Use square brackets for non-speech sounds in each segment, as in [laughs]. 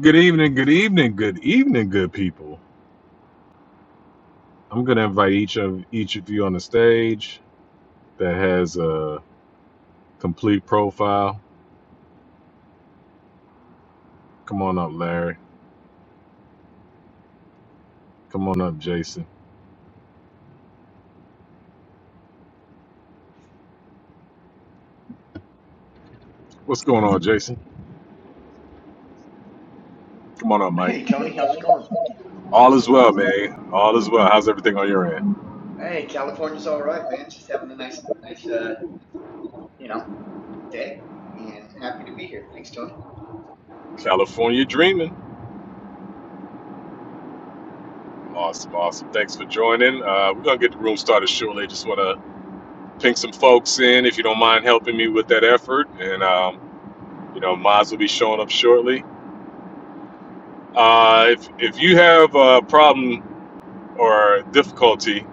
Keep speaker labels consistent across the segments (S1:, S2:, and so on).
S1: Good evening, good evening, good evening, good people. I'm gonna invite each of each of you on the stage that has a complete profile. Come on up, Larry. Come on up, Jason. What's going on, Jason? Come on up, Mike.
S2: Hey Tony, how's it going?
S1: All
S2: Thanks
S1: is
S2: a
S1: well,
S2: lot.
S1: man. All is well. How's everything on your end?
S2: Hey, California's all right, man. Just having a nice, nice, uh, you know, day, and happy to be here. Thanks, Tony.
S1: California dreaming. Awesome, awesome. Thanks for joining. Uh, we're gonna get the room started shortly. Just wanna ping some folks in if you don't mind helping me with that effort. And um, you know, Mods will be showing up shortly. Uh, if, if you have a problem or difficulty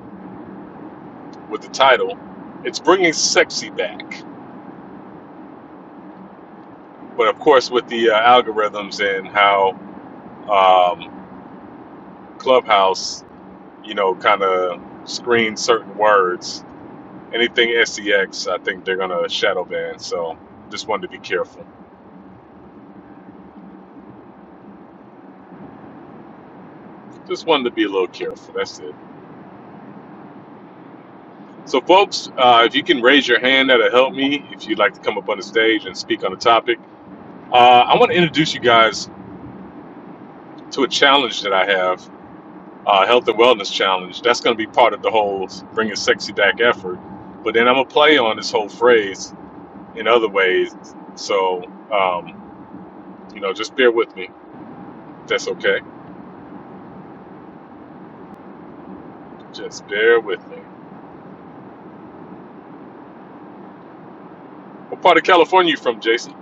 S1: with the title, it's bringing sexy back. But of course, with the uh, algorithms and how um, Clubhouse, you know, kind of screens certain words, anything SEX, I think they're going to shadow ban. So just wanted to be careful. Just wanted to be a little careful. That's it. So, folks, uh, if you can raise your hand, that'll help me. If you'd like to come up on the stage and speak on the topic, uh, I want to introduce you guys to a challenge that I have, uh, health and wellness challenge. That's going to be part of the whole bringing sexy back effort. But then I'm gonna play on this whole phrase in other ways. So um, you know, just bear with me. That's okay. Just bear with me. What part of California you from, Jason?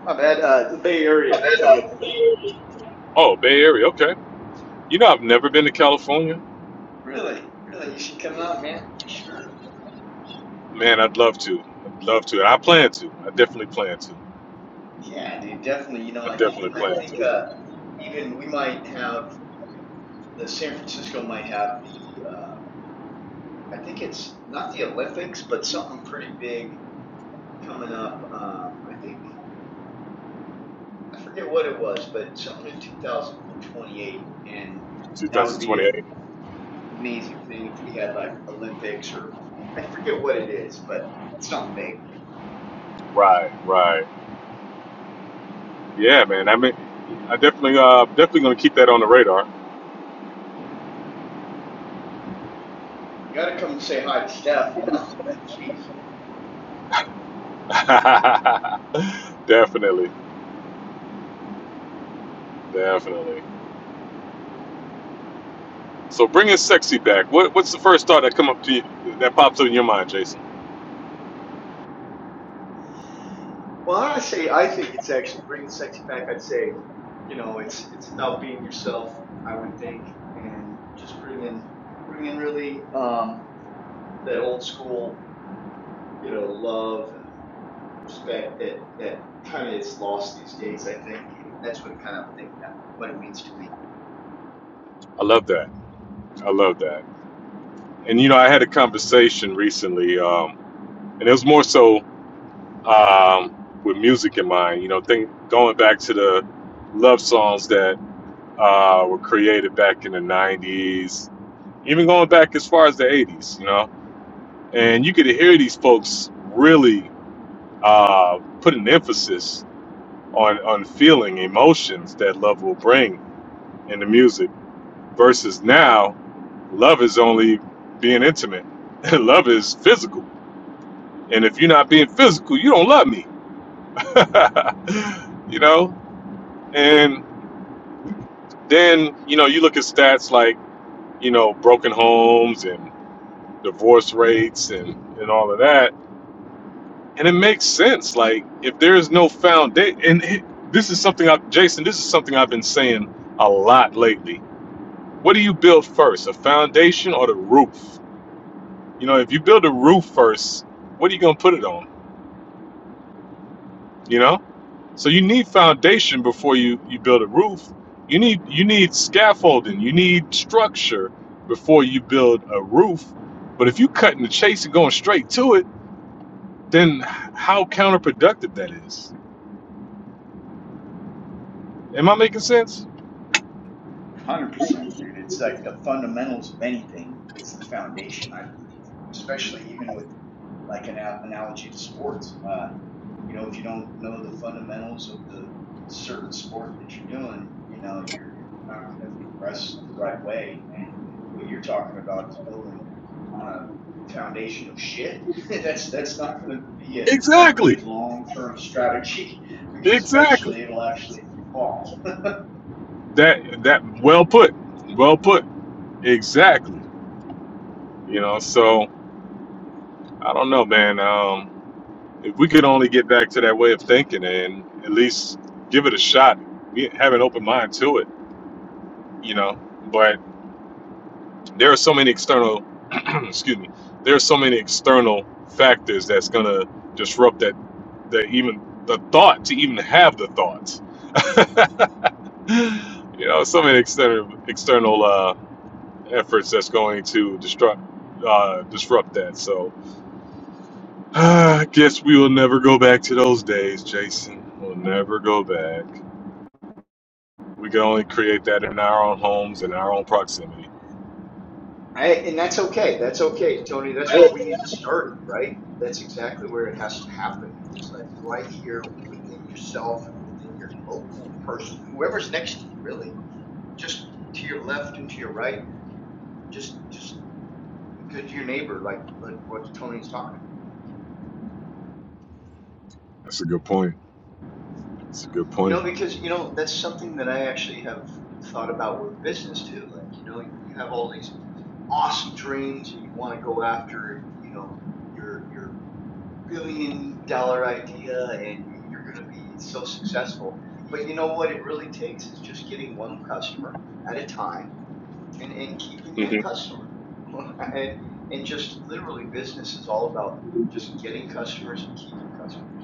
S2: My bad. Uh, the Bay Area, Tony.
S1: Oh, Bay Area. Okay. You know, I've never been to California.
S2: Really, really, you should come out, man, for sure.
S1: Man, I'd love to. I'd love to. And I plan to. I definitely plan to.
S2: Yeah, dude, definitely. You
S1: I
S2: know, I think,
S1: definitely
S2: I
S1: plan
S2: think,
S1: to.
S2: uh, even we might have the San Francisco might have the, uh, I think it's not the Olympics, but something pretty big coming up. Um, I think I forget what it was, but something in 2028, and that would be an
S1: 2028.
S2: amazing thing if we had like Olympics or I forget what it is, but something big.
S1: Right. Right. Yeah, man. I mean, I definitely, uh, definitely gonna keep that on the radar.
S2: You got to come and say hi to Steph, you know? [laughs] Jeez.
S1: [laughs] definitely, definitely. So bringing sexy back. What, what's the first thought that come up to you that pops up in your mind, Jason?
S2: Well, I say I think it's actually bringing sexy back. I'd say, you know, it's it's about being yourself. I would think, and just bringing bringing really um, that old school, you know, love and respect that that kind of is lost these days. I think. That's what kind of think what it means to me.
S1: I love that. I love that. And you know, I had a conversation recently, um, and it was more so um, with music in mind. You know, think going back to the love songs that uh, were created back in the '90s, even going back as far as the '80s. You know and you could hear these folks really uh, put an emphasis on on feeling emotions that love will bring in the music versus now love is only being intimate [laughs] love is physical and if you're not being physical you don't love me [laughs] you know and then you know you look at stats like you know broken homes and divorce rates and and all of that and it makes sense like if there is no foundation and it, this is something i jason this is something i've been saying a lot lately what do you build first a foundation or the roof you know if you build a roof first what are you going to put it on you know so you need foundation before you you build a roof you need you need scaffolding you need structure before you build a roof but if you cutting the chase and going straight to it then how counterproductive that is am i making sense
S2: Hundred percent, dude. It's like the fundamentals of anything is the foundation, I believe. Especially even with like an analogy to sports. Uh, you know, if you don't know the fundamentals of the certain sport that you're doing, you know, you're, you're not going to progress the right way. And what you're talking about is building on a foundation of shit. [laughs] that's that's not going to be a, a
S1: Exactly.
S2: good long term strategy [laughs] because
S1: Exactly.
S2: eventually it'll actually fall
S1: That that well put. Well put. Exactly. You know, so I don't know, man. Um if we could only get back to that way of thinking and at least give it a shot, we have an open mind to it, you know. But there are so many external [clears throat] excuse me. There are so many external factors that's going to disrupt that that even the thought to even have the thoughts. [gasps] [sighs] You know, so many external external uh efforts that's going to disrupt uh, disrupt that. So [sighs] I guess we will never go back to those days, Jason. We'll never go back. We can only create that in our own homes and our own proximity.
S2: I, and that's okay. That's okay, Tony. That's where we need to start, right? That's exactly where it has to happen. Is like right here within yourself and within your local person, whoever's next to you, really. Just to your left and to your right. Just, just be good to your neighbor, like like what Tony's talking.
S1: That's a good point. That's a good
S2: You
S1: point.
S2: know, because you know that's something that I actually have thought about with business too. Like you know, you have all these awesome dreams and you want to go after, you know, your your billion dollar idea and, and you're going to be so successful. But you know what it really takes is just getting one customer at a time and, and keeping that
S1: Mhm.
S2: customer. [laughs] and, and just literally business is all about just getting customers and keeping customers.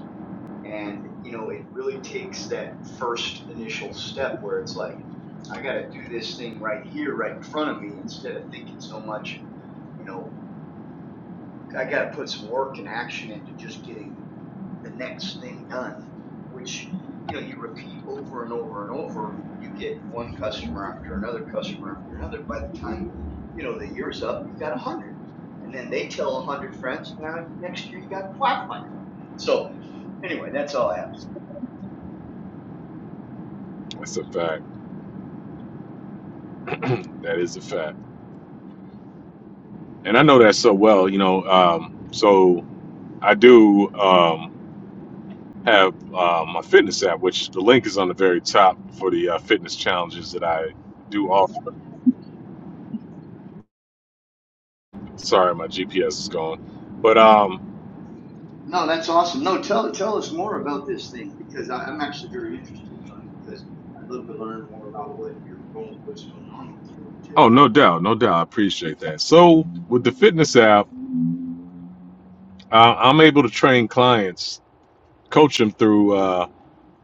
S2: And you know, it really takes that first initial step where it's like, I got to do this thing right here, right in front of me instead of thinking so much, you know, I got to put some work and action into just getting the next thing done, which you know you repeat over and over and over, and you get one customer after another customer after another. By the time you know the year's up, you've got a hundred, and then they tell a hundred friends, and now next year you got five hundred. So anyway, that's all I have.
S1: That's a fact. [clears throat] that is a fact. And I know that so well. You know, um, so I do um, have uh, my fitness app, which the link is on the very top for the uh, fitness challenges that I do offer. Sorry, my GPS is gone. But um,
S2: No, that's awesome. No, tell tell us more about this thing because I, I'm actually very interested, Tony, because I'd love to learn more about what you're going, what's going on with you too.
S1: oh, no doubt, no doubt. I appreciate that. So with the fitness app, uh, I'm able to train clients, coach them through uh,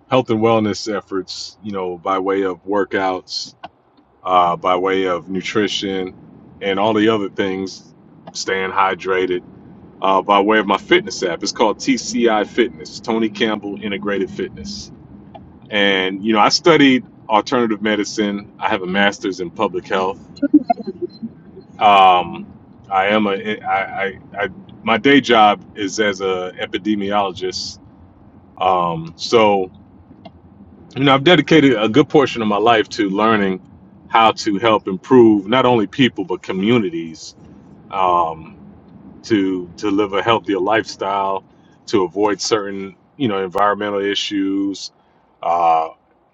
S1: health and wellness efforts. You know, by way of workouts, uh, by way of nutrition, and all the other things, staying hydrated. Uh, by way of my fitness app, it's called TCI Fitness, Tony Campbell Integrated Fitness. And you know, I studied alternative medicine. I have a master's in public health Um, I am a I, I, I my day job is as a epidemiologist. Um, so you know I've dedicated a good portion of my life to learning how to help improve not only people but communities. Um, to to live a healthier lifestyle, to avoid certain you know environmental issues. Uh,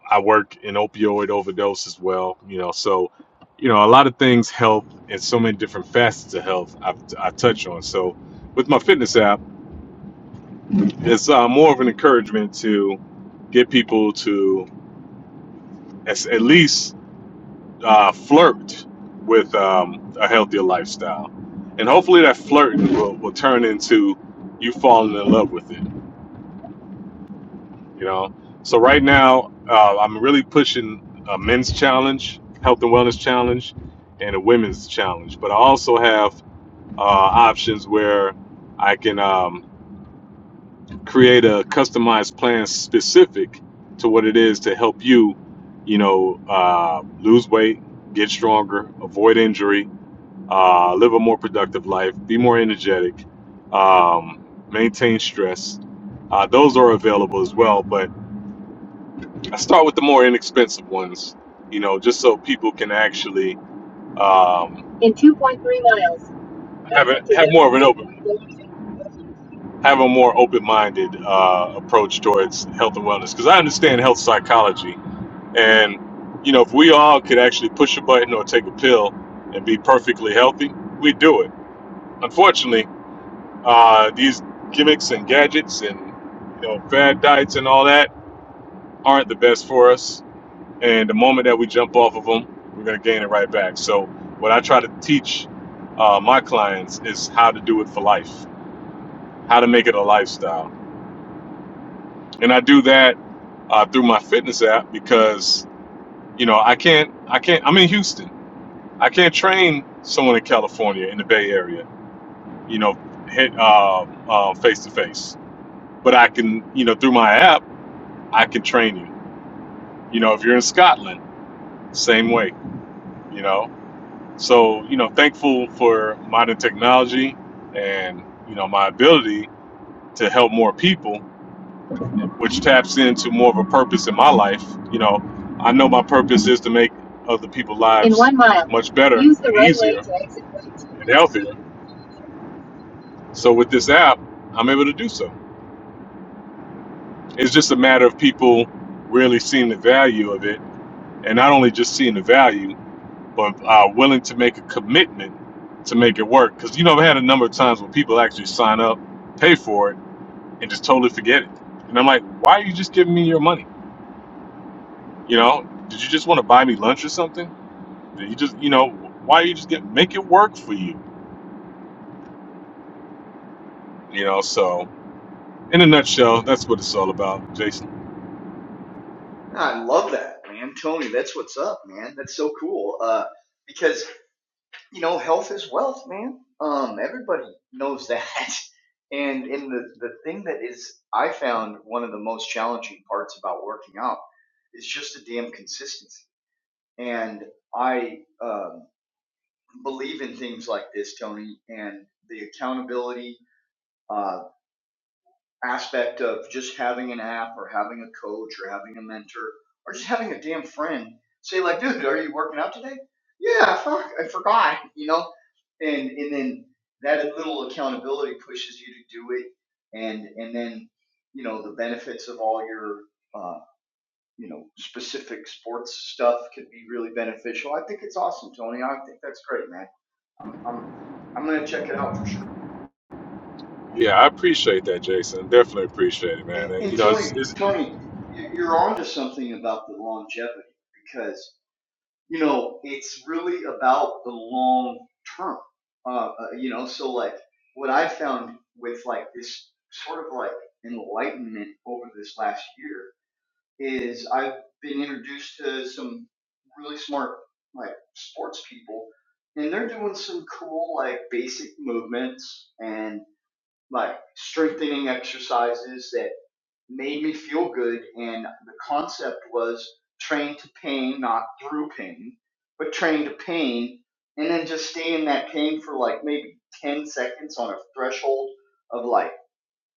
S1: I work in opioid overdose as well, you know, so you know a lot of things help, and so many different facets of health I, I touch on. So with my fitness app, it's uh, more of an encouragement to get people to as, at least uh, flirt with um, a healthier lifestyle. And hopefully that flirting will, will turn into you falling in love with it, you know? So right now, uh, I'm really pushing a men's challenge, health and wellness challenge, and a women's challenge. But I also have uh, options where I can um, create a customized plan specific to what it is to help you, you know, uh, lose weight, get stronger, avoid injury, uh, live a more productive life, be more energetic, um, maintain stress. Uh, those are available as well, but I start with the more inexpensive ones, you know, just so people can actually um, have a, have more of an open have a more open-minded uh, approach towards health and wellness because I understand health psychology and you know if we all could actually push a button or take a pill and be perfectly healthy, we'd do it. Unfortunately, Uh, these gimmicks and gadgets and you know fad diets and all that aren't the best for us. And the moment that we jump off of them, we're gonna gain it right back. So what I try to teach uh, my clients is how to do it for life, how to make it a lifestyle, and I do that uh, through my fitness app because you know I can't I can't I'm in Houston. I can't train someone in California in the Bay Area. You know, hit uh, uh, face to face. But I can, you know, through my app. I can train you. You know, if you're in Scotland, same way, you know. So, you know, thankful for modern technology and, you know, my ability to help more people, which taps into more of a purpose in my life. You know, I know my purpose is to make other people's lives in one mile, much better, use the and right way easier, way to exit right. and healthier. So with this app, I'm able to do so. It's just a matter of people really seeing the value of it and not only just seeing the value but are willing to make a commitment to make it work. Because you know, I've had a number of times when people actually sign up, pay for it, and just totally forget it. And I'm like, why are you just giving me your money? You know, did you just want to buy me lunch or something? Did you just, you know, why are you just get make it work for you? You know, so in a nutshell, that's what it's all about, Jason.
S2: I love that, man. Tony, that's what's up, man. That's so cool. Uh, because you know, health is wealth, man. Um, everybody knows that. [laughs] And in the, the thing that is, I found one of the most challenging parts about working out is just the damn consistency. And I um, believe in things like this, Tony, and the accountability. uh, aspect of just having an app or having a coach or having a mentor or just having a damn friend say like dude are you working out today yeah fuck i forgot you know and and then that little accountability pushes you to do it and and then you know the benefits of all your uh, you know specific sports stuff could be really beneficial i think it's awesome tony i think that's great man i'm i'm i'm gonna check it out for sure
S1: Yeah, I appreciate that, Jason. Definitely appreciate it,
S2: And,
S1: man. And, you
S2: and
S1: know, it's,
S2: Tony,
S1: it's
S2: Tony, you- you're onto something about the longevity because you know it's really about the long term. Uh, uh, you know, so like what I found with like this sort of like enlightenment over this last year is I've been introduced to some really smart like sports people, and they're doing some cool like basic movements and like strengthening exercises that made me feel good and the concept was train to pain not through pain but train to pain and then just stay in that pain for like maybe 10 seconds on a threshold of like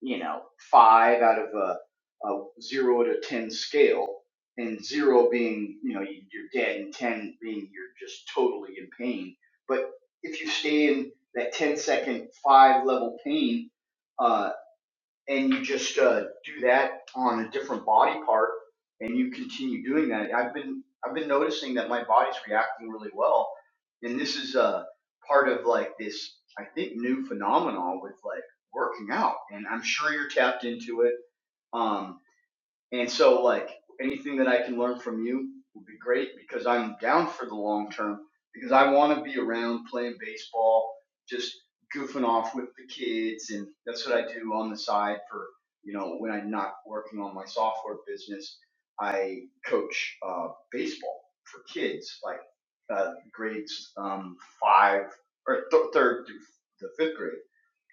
S2: you know five out of a, a zero to 10 scale and zero being you know you- are dead and 10 being you're just totally in pain but if you stay in that 10 second five level pain uh and you just uh, do that on a different body part and you continue doing that i've been i've been noticing that my body's reacting really well and this is uh, part of like this i think new phenomenon with like working out and i'm sure you're tapped into it Um, and so, like, anything that I can learn from you would be great because I'm down for the long term because I want to be around playing baseball, just goofing off with the kids. And that's what I do on the side for, you know, when I'm not working on my software business. I coach uh, baseball for kids, like uh, grades um, five or th- third through the fifth grade.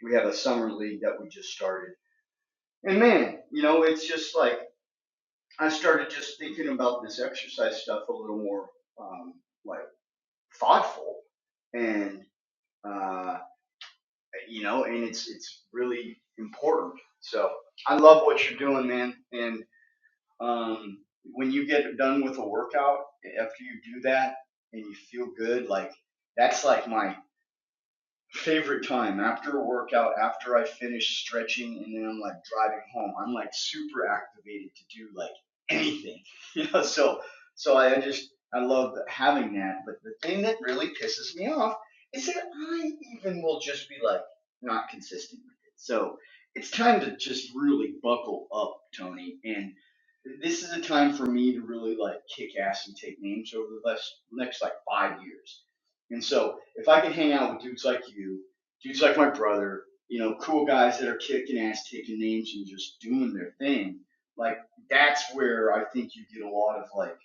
S2: We have a summer league that we just started. And man, you know, it's just like, I started just thinking about this exercise stuff a little more um, like thoughtful, and uh, you know, and it's it's really important. So I love what you're doing, man. And um, when you get done with a workout, after you do that and you feel good, like that's like my favorite time after a workout, after I finish stretching, and then I'm like driving home. I'm like super activated to do like anything, [laughs] you know. So, so I just I love having that. But the thing that really pisses me off is that I even will just be like not consistent with it. So it's time to just really buckle up, Tony, and. This is a time for me to really like kick ass and take names over the last next like five years and so if I could hang out with dudes like you, dudes like my brother, you know, cool guys that are kicking ass, taking names, and just doing their thing, like that's where I think you get a lot of like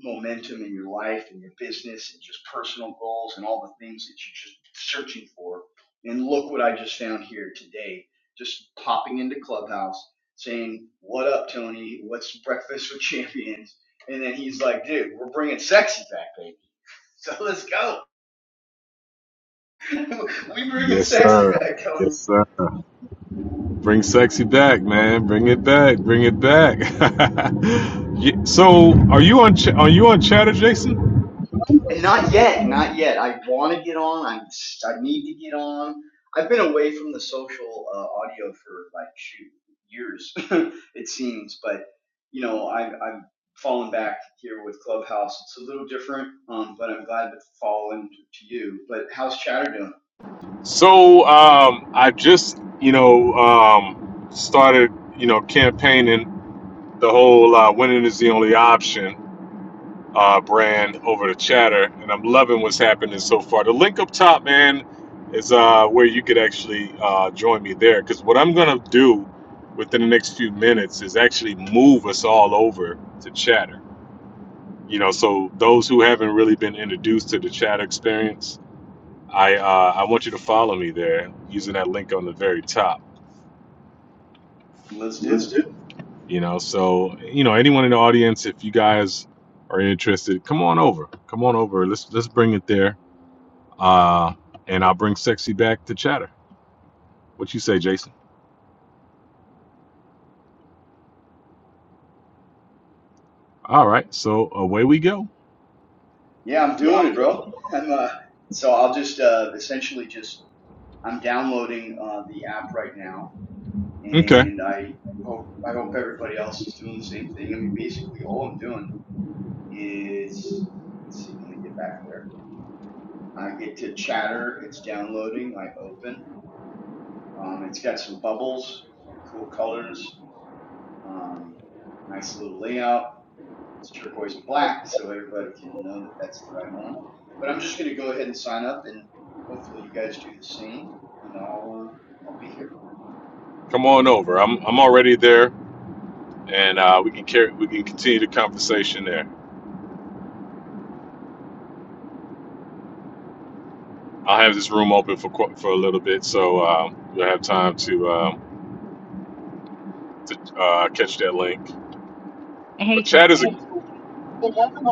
S2: momentum in your life and your business and just personal goals and all the things that you're just searching for. And look what I just found here today, just popping into Clubhouse saying, What up, Tony? What's breakfast with champions? And then he's like, Dude, we're bringing sexy back, baby. [laughs] So let's go. [laughs] we bring the
S1: yes,
S2: sexy
S1: sir.
S2: back,
S1: Yes,
S2: Tony.
S1: sir. Bring sexy back, man. Bring it back. Bring it back. [laughs] Ye- so, are you on? Ch- are you on Chatter, Jason?
S2: And not yet, not yet. I want to get on. I I need to get on. I've been away from the social uh, audio for like shoot years, [laughs] it seems. But you know, I've I've fallen back here with Clubhouse. It's a little different, um, but I'm glad to fall into to you. But how's Chatter doing?
S1: So, um, I just, you know, um, started, you know, campaigning the whole uh, "winning is the only option" uh, brand over to Chatter, and I'm loving what's happening so far. The link up top, man, is uh, where you could actually uh, join me there. Because what I'm gonna do within the next few minutes is actually move us all over to Chatter you know so those who haven't really been introduced to the Chatter experience i uh, i want you to follow me there using that link on the very top
S2: Let's do it.
S1: you know so you know anyone in the audience if you guys are interested come on over come on over let's let's bring it there uh and i'll bring sexy back to chatter what you say jason all right so away we go
S2: Yeah, I'm doing it, bro. I'm uh, so I'll just uh, essentially just I'm downloading uh, the app right now
S1: okay
S2: and I hope I hope everybody else is doing the same thing. I mean, basically, all I'm doing is let's see. Let me get back there. I get to Chatter. It's downloading. I open. Um, it's got some bubbles, like cool colors. Um, nice little layout. It's turquoise and black, so everybody can know that that's the right one. But I'm just going to go ahead and sign up, and hopefully, you guys do the same. And I'll uh, I'll be here.
S1: come on over i'm i'm already there and uh we can carry we can continue the conversation there I'll have this room open for qu- for a little bit, so um, you'll have time to um, to uh, catch that link.
S3: Hey
S1: But chat is a
S3: Tony.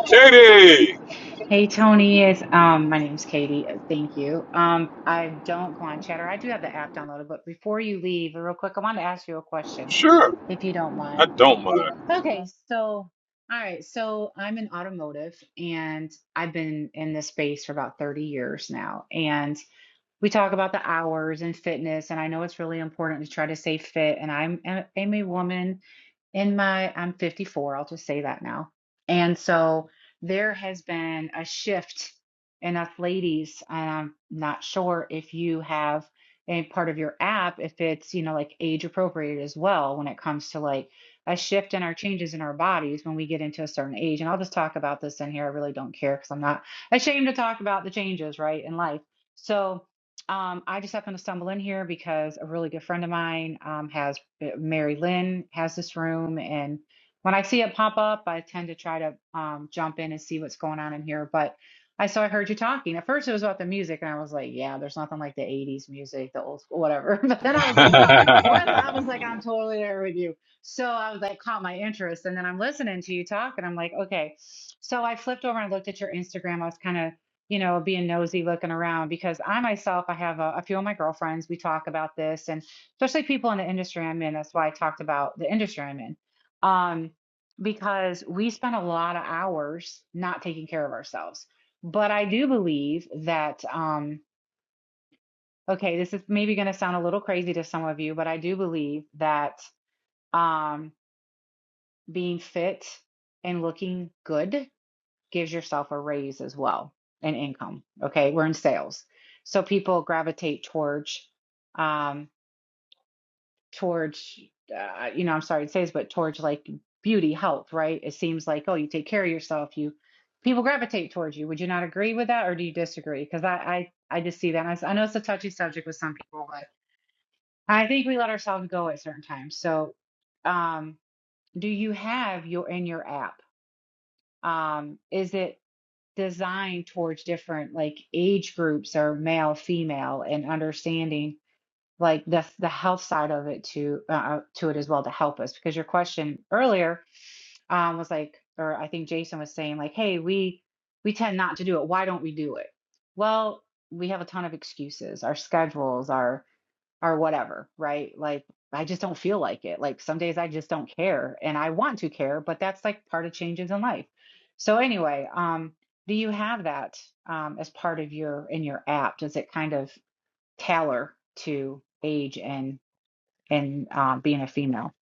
S1: Katie.
S3: Hey Tony, it's um my name's Katie. Uh, Thank you. Um I don't go on Chatter. I do have the app downloaded, but before you leave, real quick, I want to ask you a question,
S1: Sure,
S3: if you don't
S1: I
S3: mind.
S1: don't
S3: Okay, so all right, so I'm in automotive and I've been in this space for about 30 years now. And we talk about the hours and fitness, and I know it's really important to try to stay fit. And I'm, a- I'm a woman in my I'm 54, I'll just say that now. And so there has been a shift in us ladies, and I'm not sure if you have a part of your app, if it's, you know, like age appropriate as well when it comes to like a shift in our changes in our bodies when we get into a certain age. And I'll just talk about this in here. I really don't care because I'm not ashamed to talk about the changes, right, in life. So um, I just happened to stumble in here because a really good friend of mine um, has uh, Mary Lynn has this room, and when I see it pop up, I tend to try to um, jump in and see what's going on in here. But I so I heard you talking. At first, it was about the music, and I was like, "Yeah, there's nothing like the '80s music, the old school, whatever." [laughs] But then I was like, "Oh, what?" I was
S1: mind.
S3: like, "I'm totally there with you." So I was like, caught my interest, and then I'm listening to you talk, and I'm like, "Okay." So I flipped over and looked at your Instagram. I was kind of you know, being nosy looking around because I myself, I have a, a few of my girlfriends, we talk about this. And especially people in the industry I'm in. That's why I talked about the industry I'm in. Um, because we spend a lot of hours not taking care of ourselves. But I do believe that, um, okay, this is maybe going to sound a little crazy to some of you, but I do believe that um, being fit and looking good gives yourself a raise as well and income. Okay, we're in sales. So people gravitate towards um, towards uh, you know i'm sorry to say this but towards like beauty health right it seems like oh you take care of yourself you people gravitate towards you would you not agree with that or do you disagree because I, I i just see that and I, s- I know it's a touchy subject with some people but i think we let ourselves go at certain times so um do you have your in your app um is it designed towards different like age groups or male female and understanding like the the health side of it to uh, uh, to it as well to help us because your question earlier um, was like or I think Jason was saying like hey we we tend not to do it why don't we do it well we have a ton of excuses our schedules our our whatever right like I just don't feel like it like some days I just don't care and I want to care but that's like part of changes in life so anyway um do you have that um, as part of your in your app does it kind of tailor to age and and um, being a female.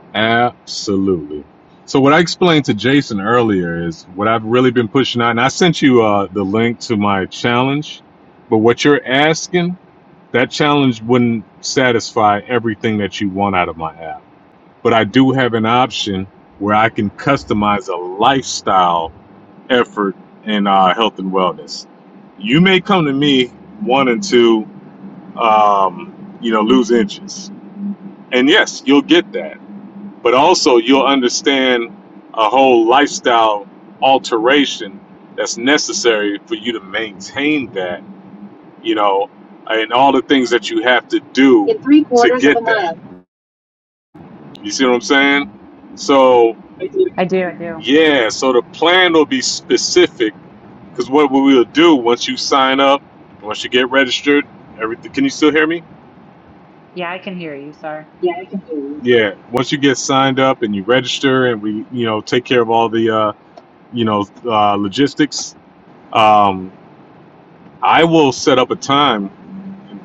S1: [laughs] Absolutely. So what I explained to Jason earlier is what I've really been pushing out, and I sent you uh, the link to my challenge. But what you're asking, that challenge wouldn't satisfy everything that you want out of my app. but I do have an option where I can customize a lifestyle effort in uh, health and wellness. You may come to me wanting to, um, you know, lose inches, and yes, you'll get that. But also, you'll understand a whole lifestyle alteration that's necessary for you to maintain that, you know, and all the things that you have to do in three quarters to get of a that. mile. You see what I'm saying? So
S3: I do, I do.
S1: Yeah, so the plan will be specific because what we will do once you sign up, once you get registered, everything. Can you still hear me?
S3: Yeah, I can hear you. Sorry.
S1: Yeah, once you get signed up and you register, and we, you know, take care of all the, uh, you know, uh, logistics. Um, I will set up a time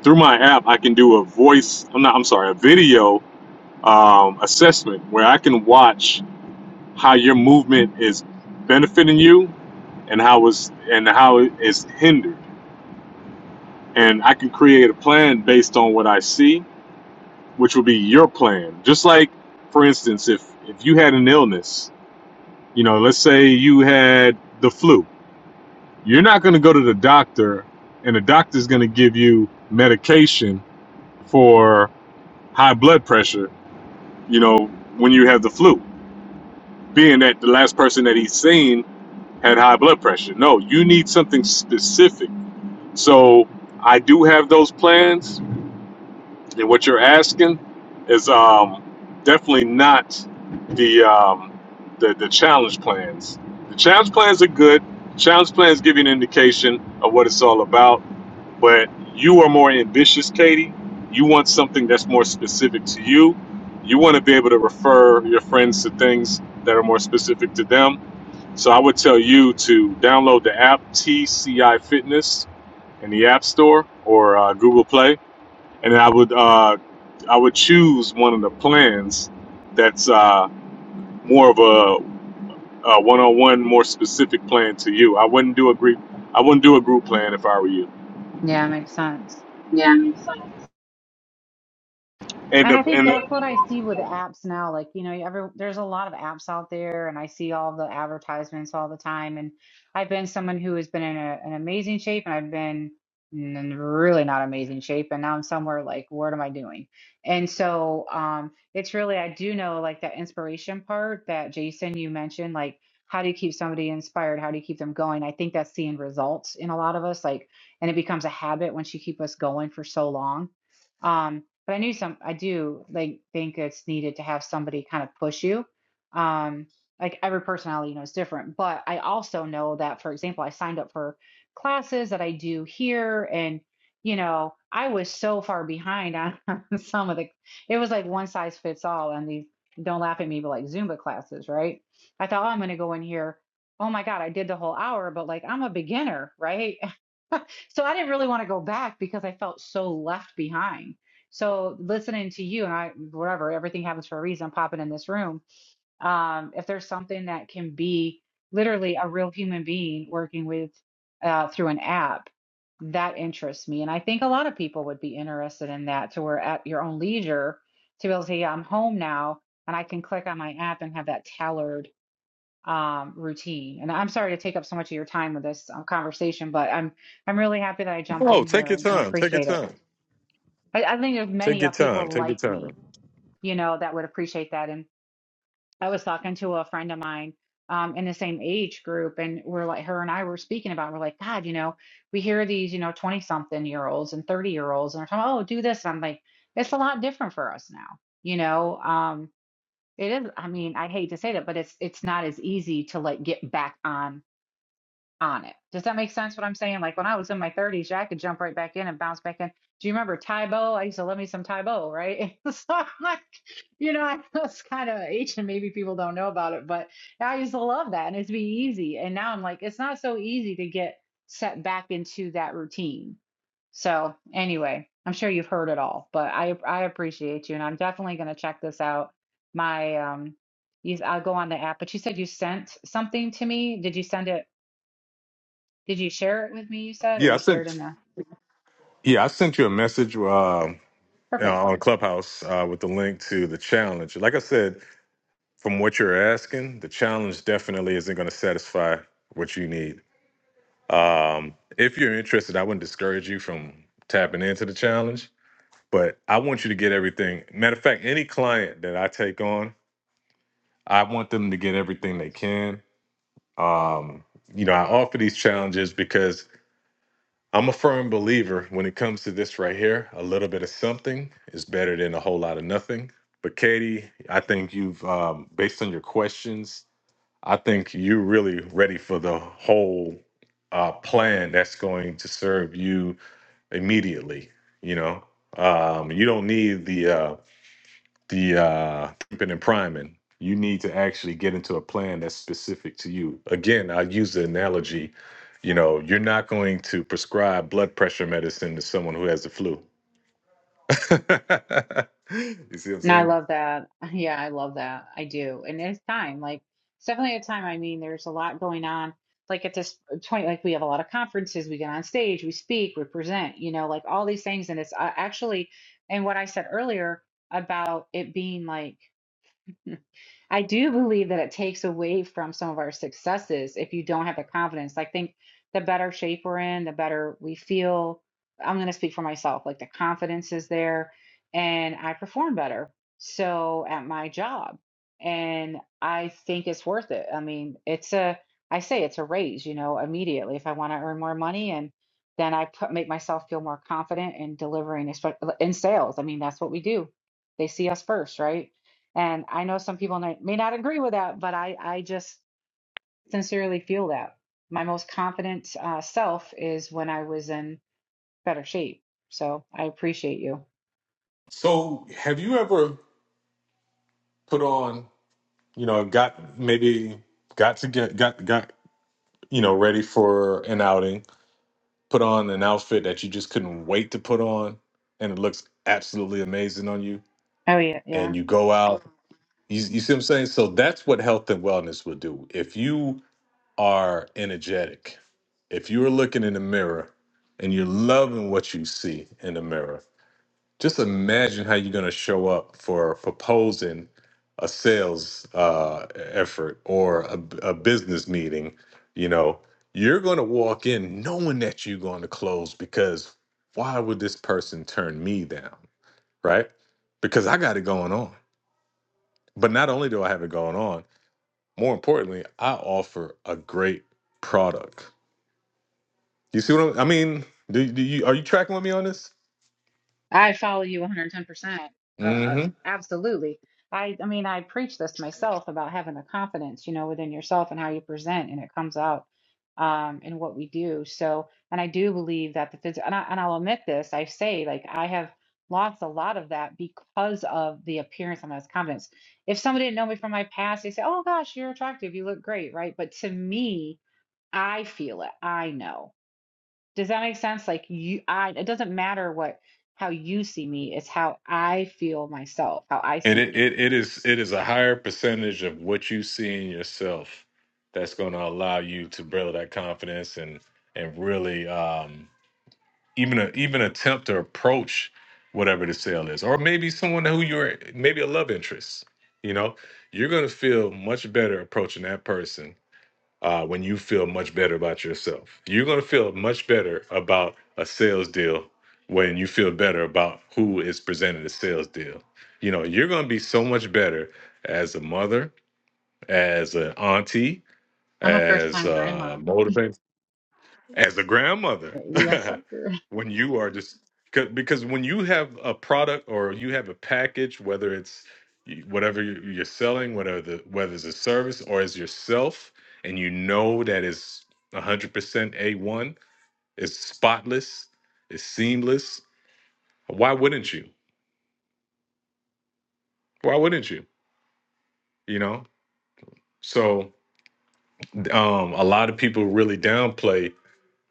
S1: through my app. I can do a voice. I'm not. I'm sorry, a video um, assessment where I can watch how your movement is benefiting you and how it's and how it is hindered. and I can create a plan based on what I see, which would be your plan. Just like, for instance, if if you had an illness, you know, let's say you had the flu, you're not going to go to the doctor, and the doctor's going to give you medication for high blood pressure. You know, when you have the flu, being that the last person that he's seen had high blood pressure. No, you need something specific. So I do have those plans And what you're asking is um, definitely not the, um, the the challenge plans. The challenge plans are good. Challenge plans give you an indication of what it's all about. But you are more ambitious, Katie. You want something that's more specific to you. You want to be able to refer your friends to things that are more specific to them. So I would tell you to download the app TCI Fitness in the App Store or uh, Google Play and I would uh, I would choose one of the plans that's uh, more of a, a one-on-one, more specific plan to you. I wouldn't do a group. I wouldn't do a group plan if I were you.
S3: Yeah, makes sense.
S1: And
S3: And
S1: if,
S3: I think that's what I see with the apps now. Like, you know, every there's a lot of apps out there, and I see all the advertisements all the time. And I've been someone who has been in a, an amazing shape, and I've been in really not amazing shape, and now I'm somewhere like, what am I doing? And so, um, it's really I do know like that inspiration part that Jason you mentioned, like how do you keep somebody inspired? How do you keep them going? I think that's seeing results in a lot of us, like, and it becomes a habit once you keep us going for so long um, but I knew some, I do like think it's needed to have somebody kind of push you. Um, like every personality, you know, is different. But I also know that, for example, I signed up for classes that I do here, and you know, I was so far behind on [laughs] some of the. It was like one size fits all on these. Don't laugh at me, but like Zumba classes, right? I thought, oh, I'm going to go in here. Oh my God, I did the whole hour, but like I'm a beginner, right? So I didn't really want to go back because I felt so left behind. So listening to you and I, whatever, everything happens for a reason. Popping in this room, um, if there's something that can be literally a real human being working with uh, through an app, that interests me, and I think a lot of people would be interested in that. To where at your own leisure, to be able to say, yeah, I'm home now, and I can click on my app and have that tailored um, routine. And I'm sorry to take up so much of your time with this um, conversation, but I'm I'm really happy that I jumped
S1: Oh,
S3: in
S1: take
S3: here
S1: your
S3: and, and
S1: time. Take your
S3: appreciate it.
S1: time.
S3: I, I think there's
S1: Take
S3: many
S1: your
S3: of
S1: time.
S3: people
S1: Take your
S3: like
S1: time.
S3: me, you know, that would appreciate that. And I was talking to a friend of mine um, in the same age group, and we're like, her and I were speaking about, we're like, God, you know, we hear these, you know, 20 something year olds and 30 year olds, and they're talking, oh, do this. And I'm like, it's a lot different for us now, you know. Um, it is. I mean, I hate to say that, but it's it's not as easy to like get back on on it. Does that make sense what I'm saying? Like when I was in my 30s, yeah, I could jump right back in and bounce back in. Do you remember Tybo? I used to love me some Tybo, right? [laughs] so I'm like, you know, I know it's kind of ancient. Maybe people don't know about it, but I used to love that and it'd be easy. And now I'm like, it's not so easy to get set back into that routine. So anyway, I'm sure you've heard it all, but I I appreciate you and I'm definitely going to check this out. My um you, I'll go on the app, but you said you sent something to me. Did you send it did you share it with me, you said, or
S1: Yeah, I
S3: you shared in
S1: sent.
S3: the
S1: Yeah, I sent you a message uh, you know,
S3: perfect.
S1: on Clubhouse uh, with the link to the challenge. Like I said, from what you're asking, the challenge definitely isn't going to satisfy what you need. Um, if you're interested, I wouldn't discourage you from tapping into the challenge, but I want you to get everything. Matter of fact, any client that I take on, I want them to get everything they can. Um, you know, I offer these challenges because I'm a firm believer when it comes to this right here, a little bit of something is better than a whole lot of nothing. But Katie, I think you've, um, based on your questions, I think you're really ready for the whole uh, plan that's going to serve you immediately. You know, um, you don't need the uh, the uh, pimping and priming. You need to actually get into a plan that's specific to you. Again, I use the analogy. You know, you're not going to prescribe blood pressure medicine to someone who has the flu. [laughs] you see what I'm
S3: And I
S1: saying?
S3: love that. [laughs] Yeah, I love that. I do. And it's time. Like it's definitely a time. I mean, there's a lot going on. Like at this point, like we have a lot of conferences, we get on stage, we speak, we present, you know, like all these things. And it's uh, actually, and what I said earlier about it being like I do believe that it takes away from some of our successes if you don't have the confidence. I think the better shape we're in, the better we feel. I'm going to speak for myself. Like the confidence is there and I perform better. So at my job, and I think it's worth it. I mean, it's a, I say it's a raise, you know, immediately if I want to earn more money and then I put, make myself feel more confident in delivering espe- in sales. I mean, that's what we do. They see us first, right? And I know some people may may not agree with that, but I, I just sincerely feel that. My most confident uh, self is when I was in better shape. So I appreciate you.
S1: So, have you ever put on, you know, got maybe got to get got got you know ready for an outing? put on an outfit that you just couldn't wait to put on and it looks absolutely amazing on you
S3: Oh, yeah. Yeah.
S1: and you go out you, you see what i'm saying so that's what health and wellness will do if you are energetic if you're looking in the mirror and you're loving what you see in the mirror just imagine how you're going to show up for proposing a sales uh, effort or a, b- a business meeting you know you're going to walk in knowing that you're going to close because why would this person turn me down right because i got it going on but not only do i have it going on more importantly i offer a great product you see what I'm, i mean do, do you are you tracking with me on this
S3: I follow you 110%. Uh,
S1: Mm-hmm.
S3: uh, absolutely. I, I mean, I preach this myself about having the confidence, you know, within yourself and how you present, and it comes out um, in what we do. So, and I do believe that the physical, and, I, and I'll admit this, I say, like, I have lost a lot of that because of the appearance and less confidence. If somebody didn't know me from my past, they say, oh gosh, you're attractive, you look great, right? But to me, I feel it, I know. Does that make sense? Like you, I, it doesn't matter what, how you see me, it's how I feel myself, how I
S1: And
S3: see
S1: it,
S3: me.
S1: it, it is it is a higher percentage of what you see in yourself that's going to allow you to build that confidence and and really um, even a, even attempt to approach whatever the sale is, or maybe someone who you're maybe a love interest. You know, you're going to feel much better approaching that person uh, when you feel much better about yourself. You're going to feel much better about a sales deal when you feel better about who is presenting the sales deal. You know, you're going to be so much better as a mother, as an auntie,
S3: I'm a first
S1: as
S3: time
S1: a
S3: grandma.
S1: motivator as a grandmother
S3: Yes,
S1: [laughs]
S3: I'm sure.
S1: when you are just 'cause- because when you have a product or you have a package whether it's you- whatever you- you're selling whether the whether it's a service or as yourself and you know that it's 100% a1 it's spotless it's seamless why wouldn't you why wouldn't you you know so um a lot of people really downplay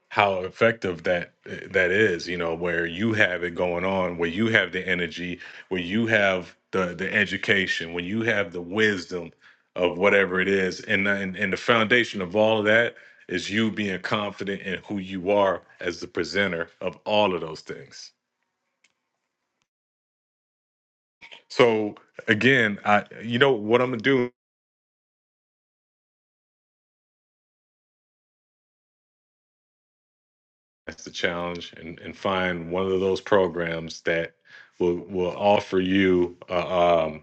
S1: how effective that eh, that is you know where you have it going on where you have the energy where you have the the education when you have the wisdom of whatever it is and uh, and, and the foundation of all of that is you being confident in who you are as the presenter of all of those things so again i you know what i'm gonna do is the challenge and, and find one of those programs that will will offer you uh, um.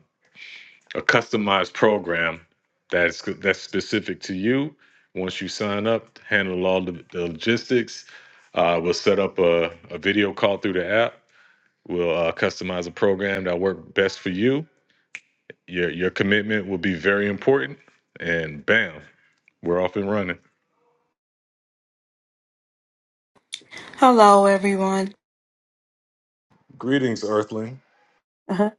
S1: a customized program that's that's specific to you. Once you sign up, handle all the, the logistics. Uh, we'll set up a, a video call through the app. We'll uh, customize a program that works best for you. Your your commitment will be very important. And bam, we're off and running.
S4: Hello, everyone.
S1: Greetings, Earthling.
S4: Uh-huh.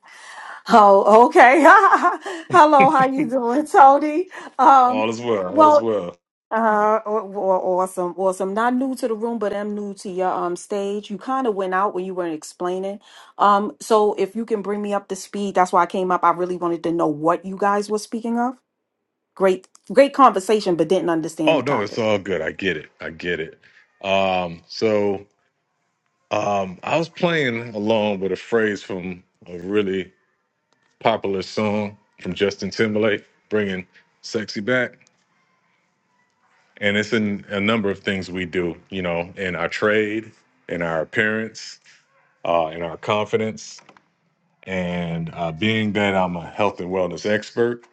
S4: Oh, okay. [laughs] Hello, how you doing, Tony? Um,
S1: All is well. All is
S4: well,
S1: well.
S4: uh, aw- aw- awesome, awesome. Not new to the room, but I'm new to your um stage. You kind of went out when you weren't explaining. Um, so if you can bring me up to speed, that's why I came up. I really wanted to know what you guys were speaking of. Great, great conversation, but didn't understand
S1: Oh
S4: the
S1: no, it's
S4: topic.
S1: all good. I get it. I get it. Um, so um, I was playing along with a phrase from a really popular song from Justin Timberlake, bringing sexy back. And it's in a number of things we do, you know, in our trade, in our appearance, uh, in our confidence. And uh, being that I'm a health and wellness expert,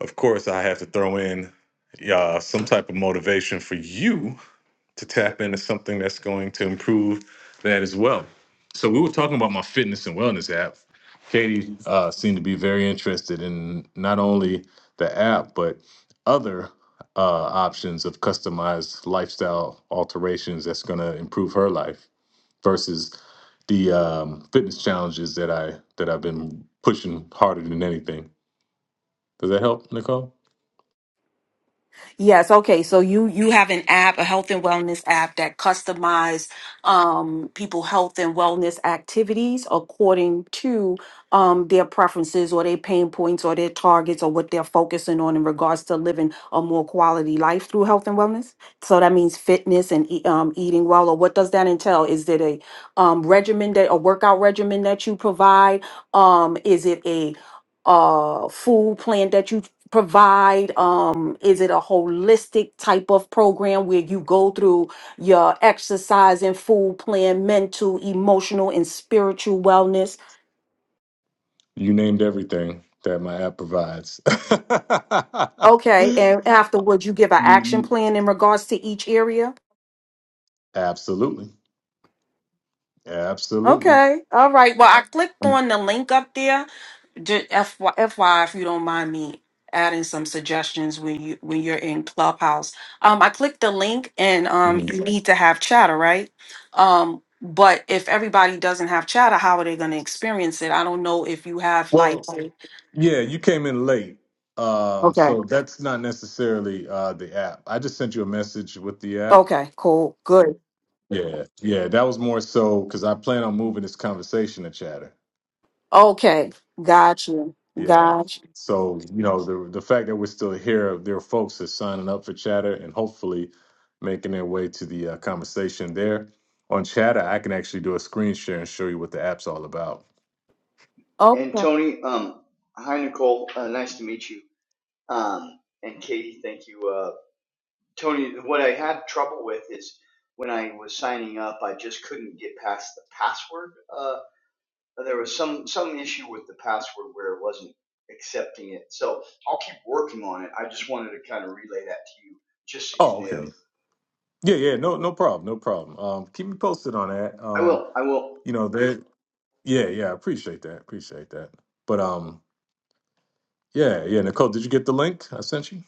S1: of course, I have to throw in uh, some type of motivation for you to tap into something that's going to improve that as well. So we were talking about my fitness and wellness app. Katie uh, seemed to be very interested in not only the app but other uh, options of customized lifestyle alterations that's going to improve her life versus the um, fitness challenges that I that I've been pushing harder than anything. Does that help, Nicole?
S4: Yes, okay. So you you have an app, a health and wellness app that customize um people health and wellness activities according to um their preferences or their pain points or their targets or what they're focusing on in regards to living a more quality life through health and wellness. So that means fitness and e- um eating well or what does that entail? Is it a um regimen that a workout regimen that you provide? Um is it a uh food plan that you provide um is it a holistic type of program where you go through your exercise and food plan mental emotional and spiritual wellness
S1: You named everything that my app provides.
S4: okay and
S1: [laughs]
S4: afterwards you give an
S1: You,
S4: action
S1: you
S4: plan in regards to each area
S1: absolutely, absolutely.
S4: okay all right well i clicked on the link up there Just FY, if you don't mind me adding some suggestions when you when you're in Clubhouse. Um, I clicked the link, and um,
S1: Mhm.
S4: you need to have chatter, right? Um, but if everybody doesn't have chatter, how are they going to experience it? I don't know if you have like.
S1: Well,
S4: a-
S1: yeah, you came in late, um,
S4: Okay.
S1: so that's not necessarily uh, the app. I just sent you a message with the app.
S4: Okay. Cool. Good.
S1: Yeah, yeah, that was more so because I plan on moving this conversation to Chatter.
S4: Okay. Got you.
S1: Yeah,
S4: Got
S1: so you know the the fact that we're still here, there are folks that signing up for Chatter and hopefully making their way to the uh, conversation there on Chatter. I can actually do a screen share and show you what the app's all about.
S2: And
S4: you.
S2: Tony, um, hi Nicole, uh, nice to meet you. Um, and Katie, thank you. Uh, Tony, what I had trouble with is when I was signing up, I just couldn't get past the password. Uh, there was some some issue with the password where it wasn't accepting it. So I'll keep working on it. I just wanted to kind of relay that to you, just so you
S1: Oh, okay.
S2: knew.
S1: Yeah, yeah, no, no problem, no problem. Um, keep me posted on that.
S2: I
S1: Um,
S2: will. I will.
S1: you know, they, yeah, yeah, I appreciate that, appreciate that. But um, yeah, yeah, Nicole, did you get the link I sent you?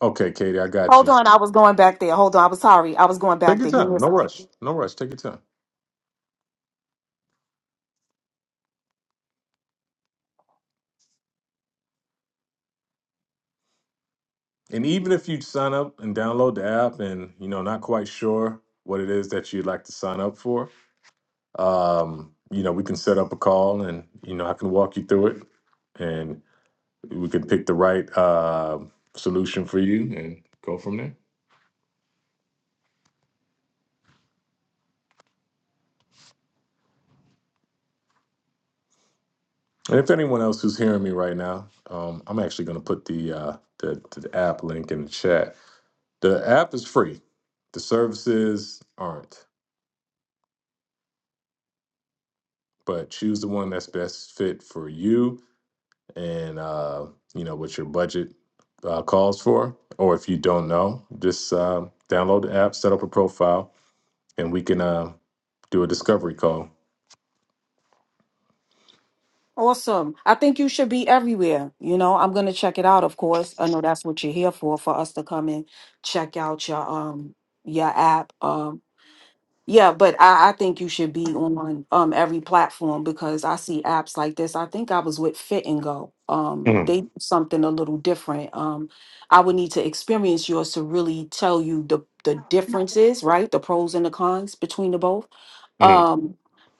S1: Okay, Katie, I got
S4: Hold
S1: you.
S4: on, I was going back there. Hold on, I was sorry. I was going
S1: Take
S4: back
S1: your
S4: there. Give me
S1: time,
S4: a
S1: no
S4: second.
S1: rush, no rush. Take your time. And even if you sign up and download the app, and you know, not quite sure what it is that you'd like to sign up for, um, you know, we can set up a call, and you know, I can walk you through it, and we can pick the right uh solution for you and go from there. And if anyone else who's hearing me right now, um, I'm actually going to put the, uh, the the app link in the chat. The app is free. The services aren't, but choose the one that's best fit for you and uh, you know what your budget uh, calls for. Or if you don't know, just uh, download the app, set up a profile, and we can uh, do a discovery call.
S4: Awesome. I think you should be everywhere. You know, I'm gonna check it out, of course. I know that's what you're here for, for us to come and check out your um your app. um. Yeah, but I, I think you should be on um every platform because I see apps like this. I think I was with Fit and Go. Um,
S1: Mm,
S4: they do something a little different. Um, I would need to experience yours to really tell you the the differences, right? The pros and the cons between the both.
S1: mm,
S4: Um,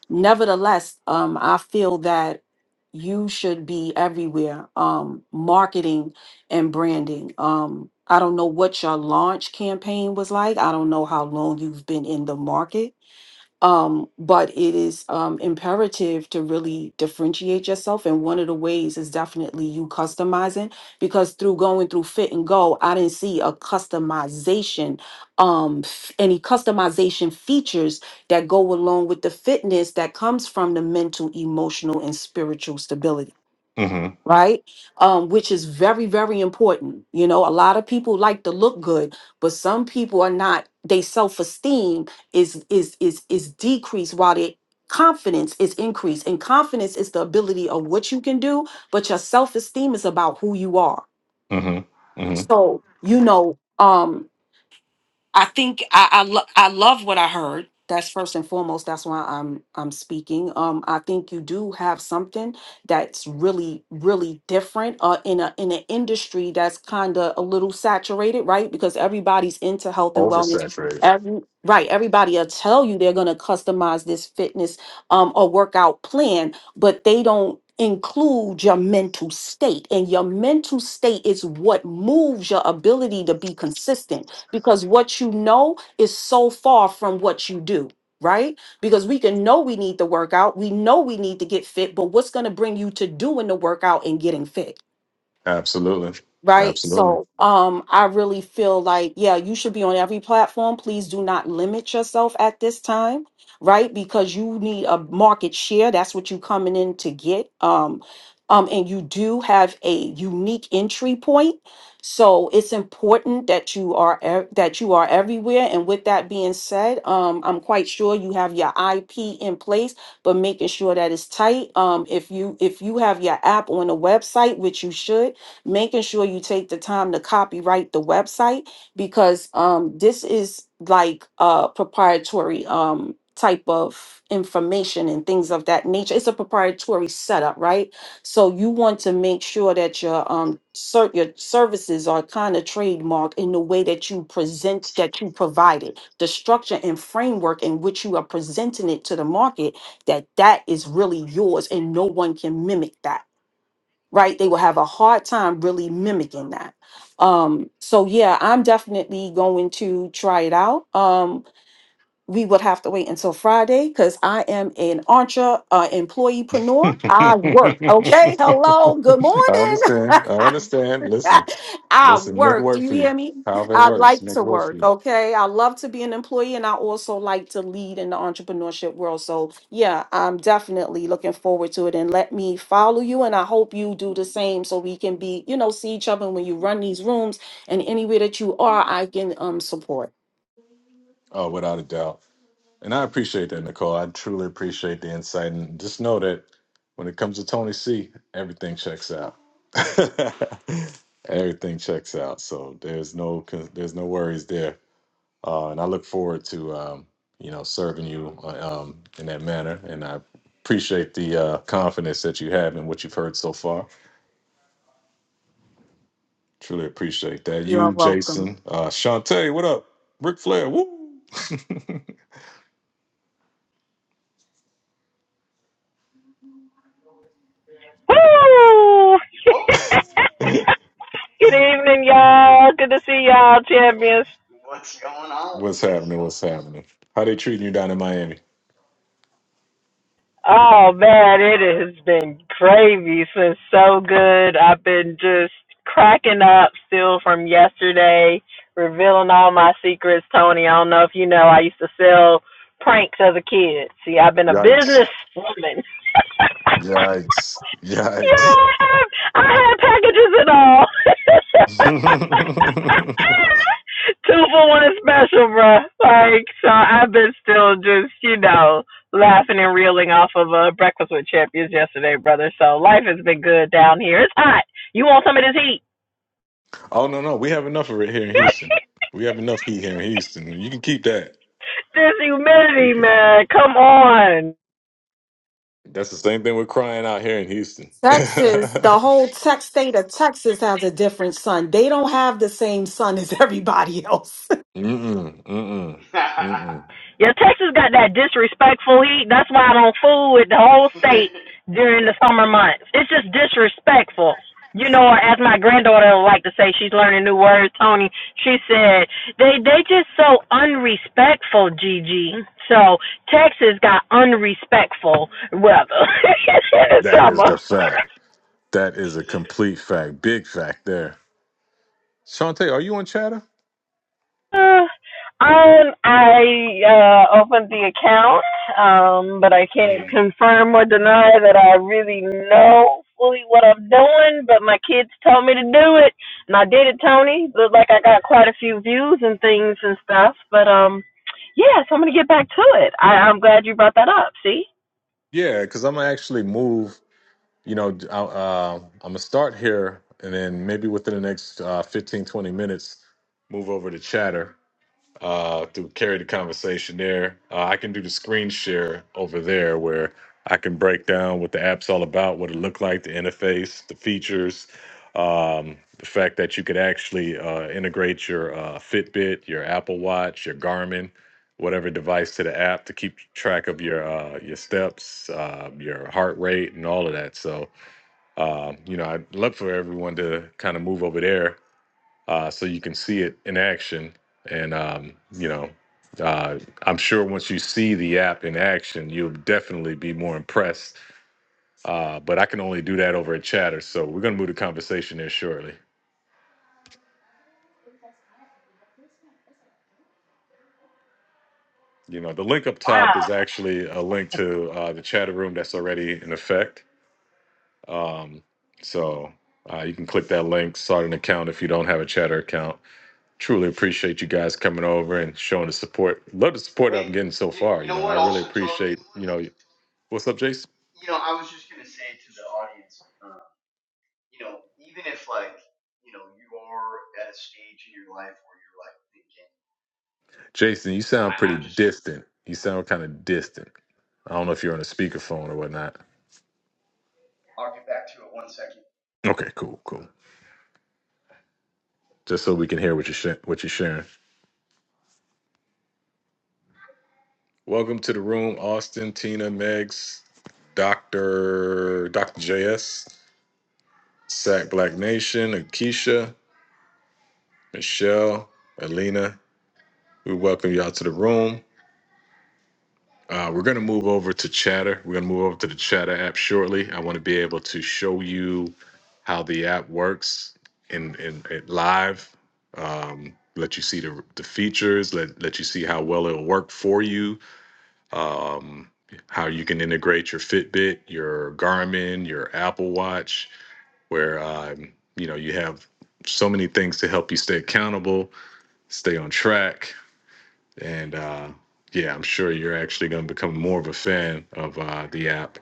S4: nevertheless, um, I feel that you should be everywhere. Um, marketing and branding. Um, I don't know what your launch campaign was like. I don't know how long you've been in the market. Um, but it is um, imperative to really differentiate yourself. And one of the ways is definitely you customizing because through going through fit and go, I didn't see a customization, um, f- any customization features that go along with the fitness that comes from the mental, emotional, and spiritual stability
S1: mm-hmm,
S4: right? Um, which is very, very important. You know, a lot of people like to look good, but some people are not. They self esteem is is is is decreased while their confidence is increased. And confidence is the ability of what you can do, but your self esteem is about who you are.
S1: mm-hmm, mm-hmm.
S4: So you know, um, I think I I, lo- I love what I heard. That's first and foremost. That's why I'm I'm speaking. Um, I think you do have something that's really really different. Uh, in a in an industry that's kind of a little saturated, right? Because everybody's into health and wellness.
S1: Oversaturated.
S4: Every right, everybody will tell you they're gonna customize this fitness um or workout plan, but they don't include your mental state and your mental state is what moves your ability to be consistent because what you know is so far from what you do, right? Because we can know we need to work out, we know we need to get fit, but what's going to bring you to doing the workout and getting fit?
S1: Absolutely.
S4: right?
S1: Absolutely.
S4: So um I really feel like yeah, you should be on every platform. Please do not limit yourself at this time, right? Because you need a market share. That's what you coming in to get. Um um and you do have a unique entry point. So it's important that you are ev- that you are everywhere and with that being said, um I'm quite sure you have your IP in place, but making sure that it's tight. Um if you if you have your app on a website, which you should making sure you take the time to copyright the website because um, this is like a proprietary um, type of information and things of that nature. It's a proprietary setup, right? So you want to make sure that your um ser- your services are kind of trademarked in the way that you present that you provide it, the structure and framework in which you are presenting it to the market. That that is really yours, and no one can mimic that right? They will have a hard time really mimicking that. Um, so yeah, I'm definitely going to try it out. Um, we would have to wait until Friday because I am an entre uh,
S1: [laughs]
S4: employeepreneur.
S1: I
S4: I work. Okay. Hello. Good morning.
S1: understand. I
S4: [laughs]
S1: understand. Listen,
S4: [laughs] I
S1: listen, make it
S4: work. Do
S1: work
S4: you
S1: for you.
S4: hear me?
S1: However it
S4: I
S1: works,
S4: like
S1: make it
S4: to
S1: work for
S4: work.
S1: you.
S4: Okay. I love to be an employee and I also like to lead in the entrepreneurship world. So, yeah, I'm definitely looking forward to it. And let me follow you. And I hope you do the same so we can be, you know, see each other when you run these rooms and anywhere that you are, I can um support.
S1: Oh, without a doubt. And I appreciate that, Nicole. I truly appreciate the insight. And just know that when it comes to Tony C, everything checks out. [laughs] everything checks out. So there's no there's no worries there. uh, and I look forward to um, you know serving you uh, um, in that manner. And I appreciate the uh, confidence that you have in what you've heard so far. Truly appreciate that.
S4: You're
S1: You,
S4: welcome.
S1: Jason, uh, Shantae, what up? Ric Flair, woo! [laughs]
S5: Woo! [laughs]
S2: Whoa!
S5: Good evening, y'all. Good to see y'all, champions.
S2: What's going on?
S1: What's happening? What's happening? How they treating you down in Miami?
S5: Oh man, it has been crazy since so good. I've been just cracking up still from yesterday, revealing all my secrets. Tony, I don't know if you know, I used to sell pranks as a kid. See, I've been a
S1: Yikes!
S5: business woman.
S1: Yikes!
S5: Yes,
S1: Yikes!
S5: I had packages and all. [laughs]
S1: [laughs]
S5: Two for one is special, bruh. Like, so I've been still just, you know, laughing and reeling off of uh, Breakfast with Champions yesterday, brother. So life has been good down here. It's hot. You want some of this heat?
S1: oh no, no, we have enough of it here
S5: [laughs]
S1: in Houston. We have enough heat here in Houston. You can keep that.
S5: this
S1: We
S5: humidity,
S1: can.
S5: man. Come on.
S1: That's the same thing we're crying out here in Houston. [laughs]
S4: Texas,
S1: mm-mm,
S4: the whole tech state of Texas has a different sun. They don't have the same sun as [laughs] everybody else.
S1: mm-mm,
S2: [laughs]
S1: mm-mm.
S5: Yeah, Texas got that disrespectful heat. That's why I don't fool with the whole state during the summer months. It's just disrespectful. You know, as my granddaughter would like to say, she's learning new words. Tony, she said they they just so unrespectful, Gigi. So Texas got unrespectful weather [laughs] in the
S1: That is
S5: summer.
S1: the
S5: [laughs]
S1: fact. That is a complete fact. Big fact there. Shantae, are you on chatter?
S5: Uh, um, I uh, opened the account, um, but I can't
S1: hmm
S5: confirm or deny that I really know fully what I'm doing. But my kids told me to do it, and I did it, Tony. Looked like I got quite a few views and things and stuff. But um, yeah, so I'm gonna get back to it. I, I'm glad you brought that up. See?
S1: Yeah, because I'm gonna actually move. You know, d- I, uh, I'm gonna start here, and then maybe within the next uh, 15, twenty minutes, move over to chatter. uh, to carry the conversation there. Uh, I can do the screen share over there where I can break down what the app's all about, what it looked like, the interface, the features, um, the fact that you could actually uh, integrate your uh, Fitbit, your Apple Watch, your Garmin, whatever device to the app to keep track of your uh, your steps, uh, your heart rate, and all of that. So, um, you know, I'd love for everyone to kind of move over there uh, so you can see it in action. And um, you know, uh, I'm sure once you see the app in action, you'll definitely be more impressed. Uh, but I can only do that over a chatter, so we're gonna move the conversation there shortly. You know, the link up
S5: Wow.
S1: top is actually a link to uh, the chatter room that's already in effect. Um, so uh, you can click that link, start an account if you don't have a chatter account. Truly appreciate you guys coming over and showing the support. Love the support I'm
S2: hey,
S1: getting so
S2: you,
S1: far.
S2: you
S1: You
S2: know
S1: know, I
S2: what?
S1: really
S2: Also, Tony,
S1: appreciate you know What's up, Jason?
S2: you know, I was just gonna say to the audience. um, you know, even if like, you know, you are at a stage in your life where you're like thinking,
S1: Jason, you
S2: you know,
S1: sound
S2: I,
S1: pretty
S2: I'm just,
S1: distant. You sound kind of distant. I don't know if you're on a speakerphone or whatnot.
S2: I'll get back to it one second.
S1: Okay, cool, cool. Just so we can hear what you're sh- what you're sharing. Welcome to the room, Austin, Tina, Megs, Doctor, Doctor JS, Sack Black Nation, Akeisha, Michelle, Alina. We welcome y'all to the room. Uh, we're going to move over to Chatter. We're going to move over to the Chatter app shortly. I want to be able to show you how the app works in, in, in live. Um, let you see the, the features. Let let you see how well it'll work for you. Um, how you can integrate your Fitbit, your Garmin, your Apple Watch, where um, you know you have so many things to help you stay accountable, stay on track, and uh, yeah, I'm sure you're actually going to become more of a fan of uh, the app.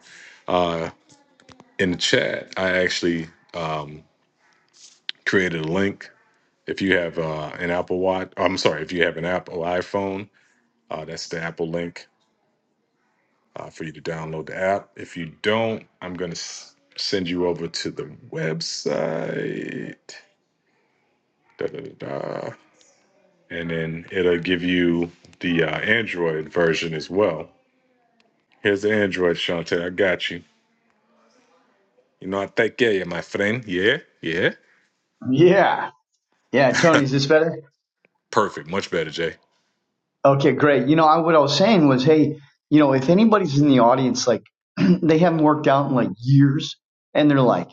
S1: Uh, in the chat, I actually um, created a link. If you have uh, an Apple Watch, I'm sorry, if you have an Apple iPhone, uh, that's the Apple link uh, for you to download the app. If you don't, I'm going to s- send you over to the website. Da, da, da, da. And then it'll give you the uh, Android version as well. Here's the Android, Shante. I got you. You know, I take care, yeah, my friend. Yeah, yeah.
S2: Yeah. Yeah. Tony, is this better?
S1: Perfect. Much better, Jay.
S2: Okay, great. You know, I, what I was saying was, hey, you know, if anybody's in the audience, like [clears throat] they haven't worked out in like years, and they're like,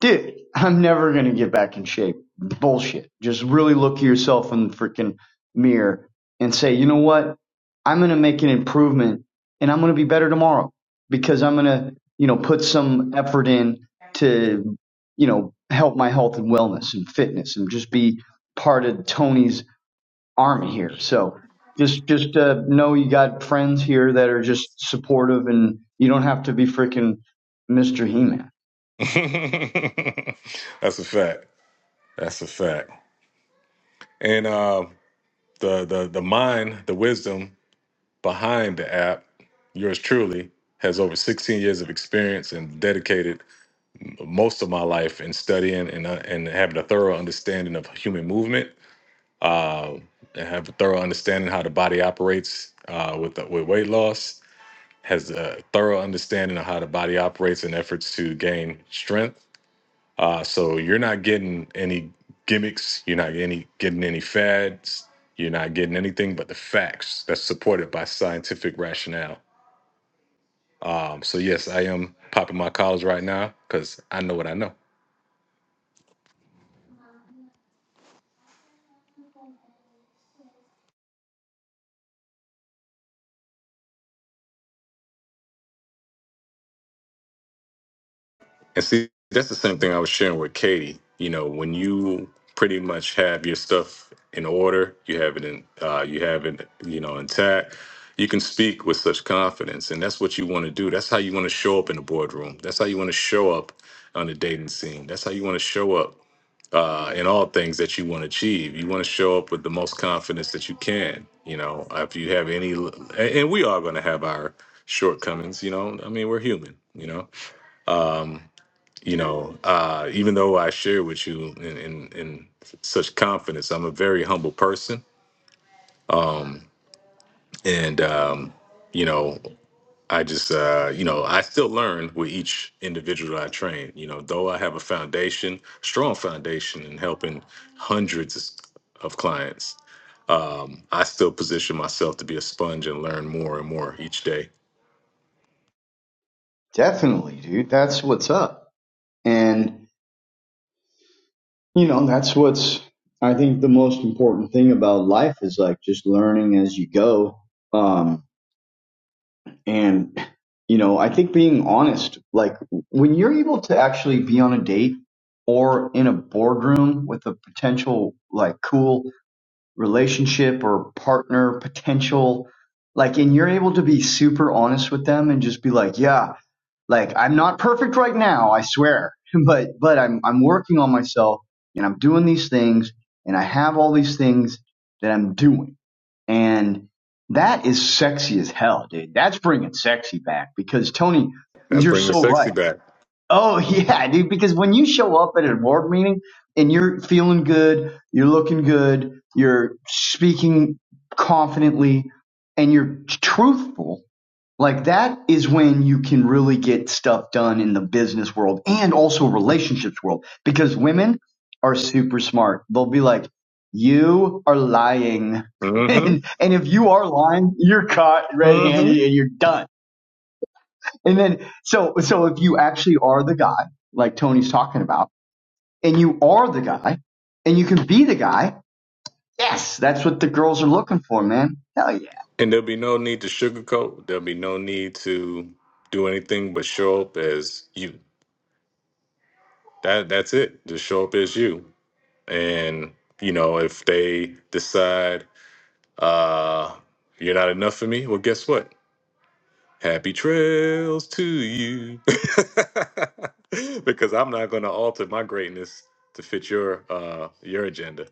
S2: dude, I'm never going to get back in shape. Bullshit. Just really look at yourself in the freaking mirror and say, you know what? I'm going to make an improvement and I'm going to be better tomorrow because I'm going to, you know, put some effort in to, you know, help my health and wellness and fitness and just be part of Tony's army here. So just just uh, know you got friends here that are just supportive, and you don't have to be freaking Mister He Man.
S1: [laughs] That's a fact. That's a fact. And uh, the the the mind, the wisdom behind the app, yours truly has over 16 years of experience and dedicated most of my life in studying and uh, and having a thorough understanding of human movement. Uh, and have a thorough understanding how the body operates uh, with uh, with weight loss has a thorough understanding of how the body operates in efforts to gain strength. Uh, so you're not getting any gimmicks. You're not any getting any fads. You're not getting anything but the facts that's supported by scientific rationale. Um, so yes, I am popping my collars right now because I know what I know. And see, that's the same thing I was sharing with Katie. You know, when you pretty much have your stuff in order, you have it in, uh, you have it, you know, intact. You can speak with such confidence, and that's what you want to do. That's how you want to show up in the boardroom. That's how you want to show up on the dating scene. That's how you want to show up uh, in all things that you want to achieve. You want to show up with the most confidence that you can. You know, if you have any, and and we are going to have our shortcomings. You know, I mean, we're human. You know, um, you know, uh, even though I share with you in, in, in such confidence, I'm a very humble person. Um, and, um, you know, I just, uh, you know, I still learn with each individual I train. You know, though I have a foundation, strong foundation in helping hundreds of clients, um, I still position myself to be a sponge and learn more and more each day.
S2: Definitely, dude. That's what's up, and you know that's what's I think the most important thing about life is like just learning as you go. Um, and you know, I think being honest, like when you're able to actually be on a date or in a boardroom with a potential like cool relationship or partner potential like and you're able to be super honest with them and just be like yeah like i'm not perfect right now i swear [laughs] but but i'm i'm working on myself and i'm doing these things and i have all these things that i'm doing and that is sexy as hell dude that's bringing sexy back because tony
S1: That's
S2: you're
S1: bringing the
S2: so right
S1: sexy back.
S2: Oh [laughs] yeah, dude. Because when you show up at an award meeting and you're feeling good, you're looking good, you're speaking confidently, and you're truthful, like that is when you can really get stuff done in the business world and also relationships world. Because women are super smart. They'll be like, "You are lying," [laughs]
S1: Mm-hmm.
S2: and and if you are lying, you're caught
S1: Mm-hmm.
S2: red-handed and you're done and then, so, so if you actually are the guy, like Tony's talking about, and you are the guy, and you can be the guy, yes, that's what the girls are looking for, man. Hell yeah.
S1: And there'll be no need to sugarcoat. There'll be no need to do anything but show up as you. That that's it. Just show up as you. And you know, if they decide uh you're not enough for me, well guess what? Happy trails to you. [laughs] because I'm not gonna alter my greatness to fit your uh your agenda.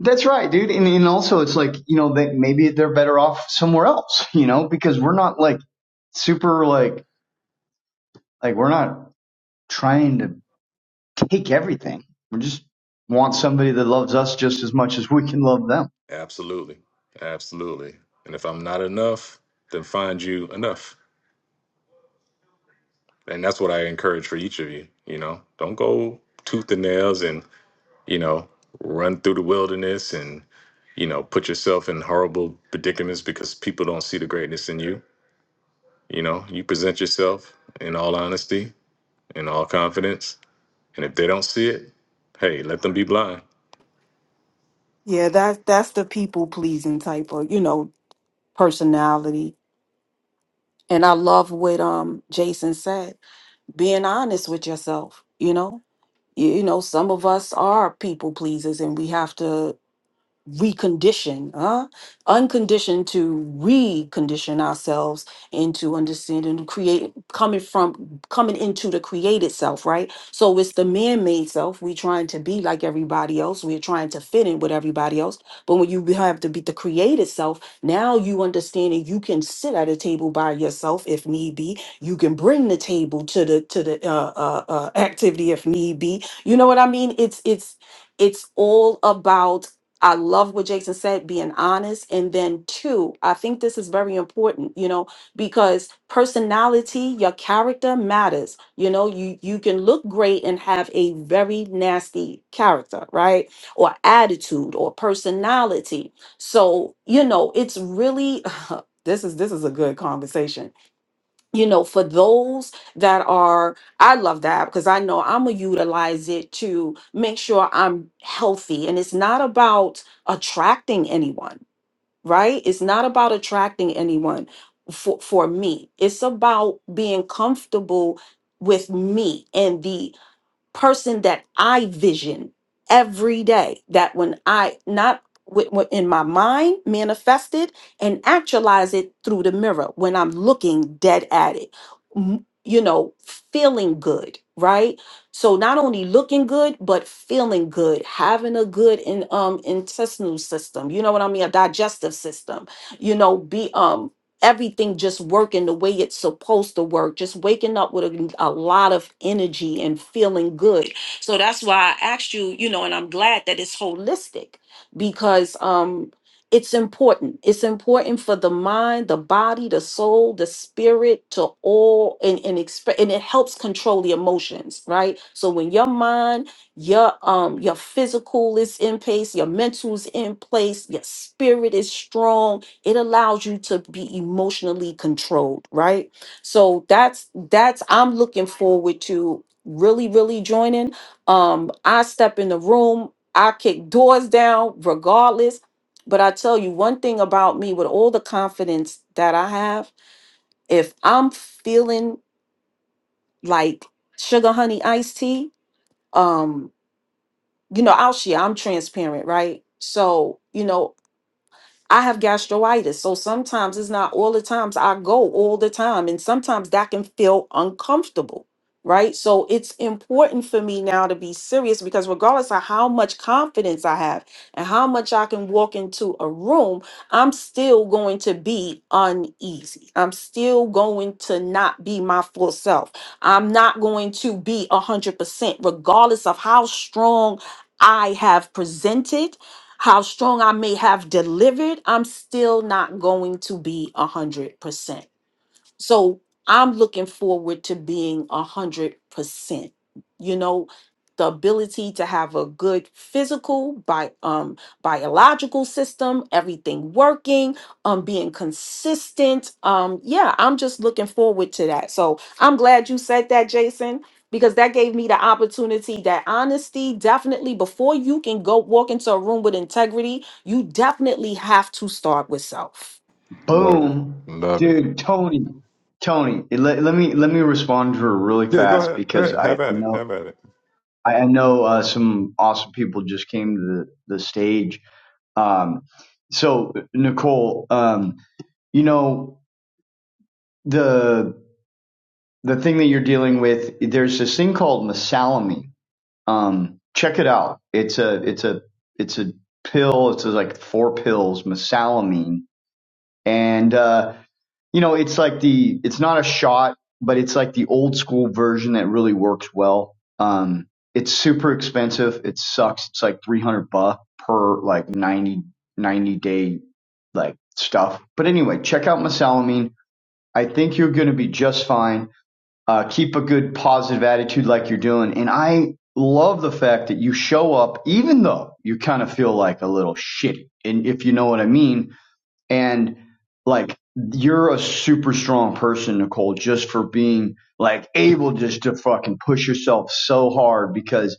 S2: That's right, dude. And, and also, it's like, you know, that maybe they're better off somewhere else, [laughs] you know, because we're not like super, like, like we're not trying to take everything. We just want somebody that loves us just as much as we can love them.
S1: Absolutely. Absolutely. And if I'm not enough, then find you enough. and that's what I encourage for each of you. You know, don't go tooth and nails and you know run through the wilderness and you know put yourself in horrible predicaments because people don't see the greatness in you. You know, you present yourself in all honesty, in all confidence, and if they don't see it, hey, let them be blind.
S4: Yeah, that's that's the people pleasing type of, you know, personality. And I love what um Jason said, being honest with yourself, you know. You, you know, some of us are people pleasers and we have to recondition, huh? unconditioned to recondition ourselves into understanding the create coming from coming into the created self, right? So it's the man-made self. We're trying to be like everybody else. We're trying to fit in with everybody else. But when you have to be the created self, now you understand that you can sit at a table by yourself if need be. You can bring the table to the to the uh, uh, uh, activity if need be. You know what I mean? It's it's it's all about I love what Jason said, being honest. And then, two, I think this is very important, you know, because personality, your character matters. You know, you, you can look great and have a very nasty character, right? Or attitude or personality. So, you know, it's really. [laughs] This is this is a good conversation you know, for those that are, I love that because I know I'm going to utilize it to make sure I'm healthy. And it's not about attracting anyone, right? It's not about attracting anyone for, for me. It's about being comfortable with me and the person that I vision every day. That when I not wi- wi- in my mind manifest it and actualize it through the mirror when I'm looking dead at it, M- you know, feeling good, right? So not only looking good, but feeling good, having a good in, um intestinal system. You know what I mean? A digestive system. You know, be um everything just working the way it's supposed to work, just waking up with a, a lot of energy and feeling good. So that's why I asked you, you know, and I'm glad that it's holistic because um it's important. It's important for the mind, the body, the soul, the spirit to all and and exp- and it helps control the emotions, right? So when your mind, your um your physical is in place, your mental is in place, your spirit is strong, it allows you to be emotionally controlled right so that's that's i'm looking forward to really really joining um i step in the room i kick doors down regardless but i tell you one thing about me with all the confidence that i have if i'm feeling like sugar honey iced tea um you know i'll share i'm transparent right so you know I have gastritis. So sometimes it's not all the times I go all the time. And sometimes that can feel uncomfortable, right? So it's important for me now to be serious because regardless of how much confidence I have and how much I can walk into a room, I'm still going to be uneasy. I'm still going to not be my full self. I'm not going to be 100%, regardless of how strong I have presented how strong I may have delivered, I'm still not going to be 100%. So I'm looking forward to being a hundred percent. You know, the ability to have a good physical, bi- um, biological system, everything working, um, being consistent. Um, yeah, I'm just looking forward to that. So I'm glad you said that, Jason. Because that gave me the opportunity that honesty definitely, before you can go walk into a room with integrity, you definitely have to start with self
S1: Love it.
S2: Boom,
S1: Love it.
S2: dude, Tony, Tony. Let, let me let me respond to her really
S1: Yeah, go
S2: fast
S1: ahead. Go
S2: because
S1: ahead.
S2: I
S1: Have at it.
S2: know
S1: Have at it.
S2: I know uh, some awesome people just came to the, the stage. Um, so Nicole, um, you know the the thing that you're dealing with. There's this thing called mesalamine. Um, check it out. It's a it's a it's a pill. It's like four pills, mesalamine, and uh, you know, it's like the it's not a shot, but it's like the old school version that really works well. Um, it's super expensive. It sucks. It's like 300 bucks per like 90 90 day like stuff. But anyway, check out mesalamine. I think you're going to be just fine. Uh, keep a good positive attitude like you're doing. And I love the fact that you show up, even though you kind of feel like a little shitty. And if you know what I mean, and like you're a super strong person, Nicole, just for being like able just to fucking push yourself so hard because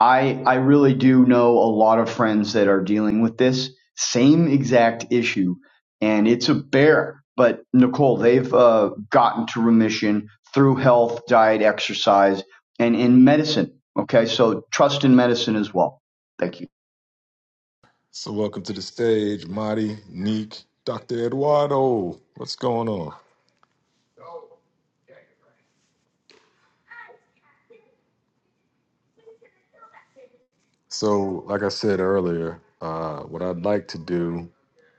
S2: I I really do know a lot of friends that are dealing with this same exact issue and it's a bear. But Nicole, they've uh, gotten to remission through health, diet, exercise, and in medicine. Okay, so trust in medicine as well. Thank you.
S1: So welcome to the stage, Marty, Neek, Dr. Eduardo. What's going on? So, like I said earlier, uh, what I'd like to do,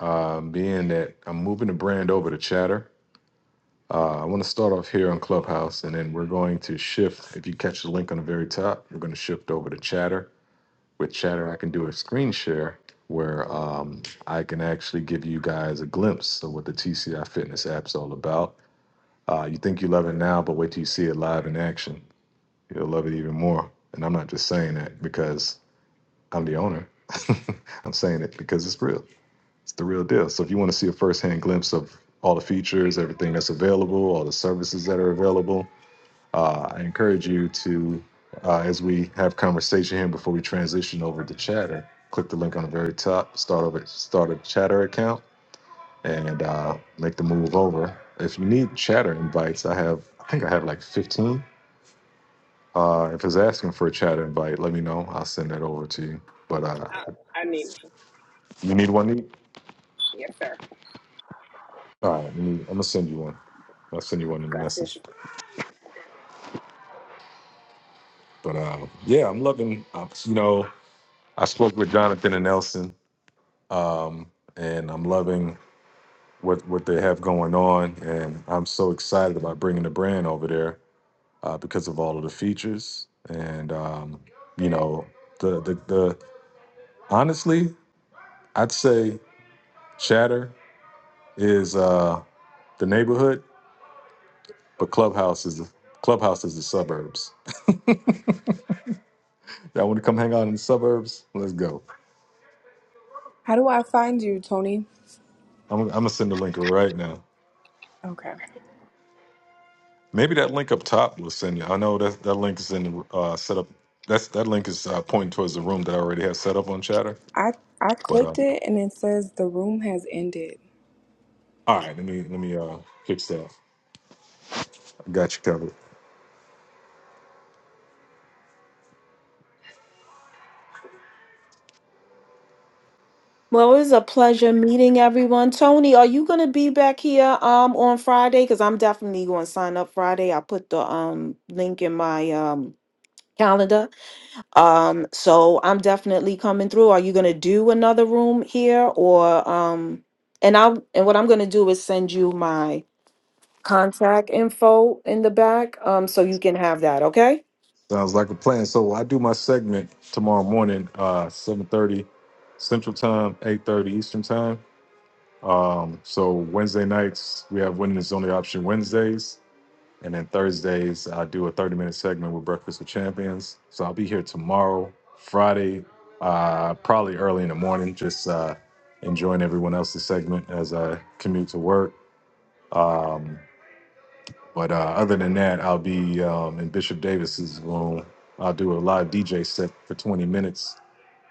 S1: uh, being that I'm moving the brand over to Chatter, uh, I want to start off here on Clubhouse, and then we're going to shift. If you catch the link on the very top, we're going to shift over to Chatter. With Chatter, I can do a screen share where um, I can actually give you guys a glimpse of what the TCI Fitness app's all about. Uh, you think you love it now, but wait till you see it live in action. You'll love it even more. And I'm not just saying that because I'm the owner. [laughs] I'm saying it because it's real. It's the real deal. So if you want to see a first-hand glimpse of all the features, everything that's available, all the services that are available, uh, I encourage you to, uh, as we have conversation here before we transition over to Chatter, click the link on the very top, start over, start a Chatter account, and uh, make the move over. If you need Chatter invites, I have, I think I have like 15. Uh, if it's asking for a Chatter invite, let me know. I'll send that over to you. But uh,
S6: I, I need one.
S1: you need one
S6: Yes, sir.
S1: All right, let me, I'm gonna send you one. I'll send you one in a
S6: Glasses.
S1: message. But uh, yeah, I'm loving. Uh, you know, I spoke with Jonathan and Nelson, um, and I'm loving what what they have going on, and I'm so excited about bringing the brand over there uh, because of all of the features, and um, you know, the the the honestly, I'd say Chatter is uh, the neighborhood, but Clubhouse is the Clubhouse is the suburbs. [laughs] Y'all want to come hang out in the suburbs? Let's go.
S7: How do I find you, Tony?
S1: I'm, I'm gonna send the link right now.
S7: Okay.
S1: Maybe that link up top will send you. I know that that link is in the uh, setup. That's that link is uh, pointing towards the room that I already have set up on Chatter.
S7: I I
S1: But uh,
S7: clicked it and it says the room has ended.
S1: all right, let me let me uh, fix that. I got you covered.
S4: Well, it was a pleasure meeting everyone. Tony, are you going to be back here um on Friday? Because I'm definitely going to sign up Friday. I put the um link in my um calendar. Um, so I'm definitely coming through. Are you going to do another room here or um? And I will and what I'm going to do is send you my contact info in the back um so you can have that. Okay.
S1: Sounds like a plan. So I do my segment tomorrow morning, uh, seven thirty Central Time, eight thirty Eastern Time. Um, so Wednesday nights we have winning is the only option Wednesdays And then Thursdays, I do a 30 minute segment with Breakfast with Champions. So I'll be here tomorrow, Friday, uh, probably early in the morning, just uh, enjoying everyone else's segment as I commute to work. Um, but uh, other than that, I'll be um, in Bishop Davis's room. I'll do a live DJ set for 20 minutes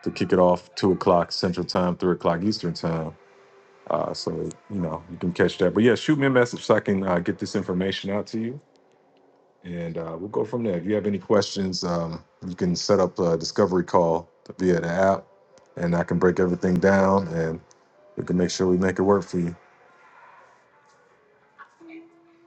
S1: to kick it off, two o'clock Central Time, three o'clock Eastern Time. Uh, so you know you can catch that. But yeah, shoot me a message so I can uh, get this information out to you and uh, we'll go from there. If you have any questions, um, you can set up a discovery call via the app, and I can break everything down, and we can make sure we make it work for you.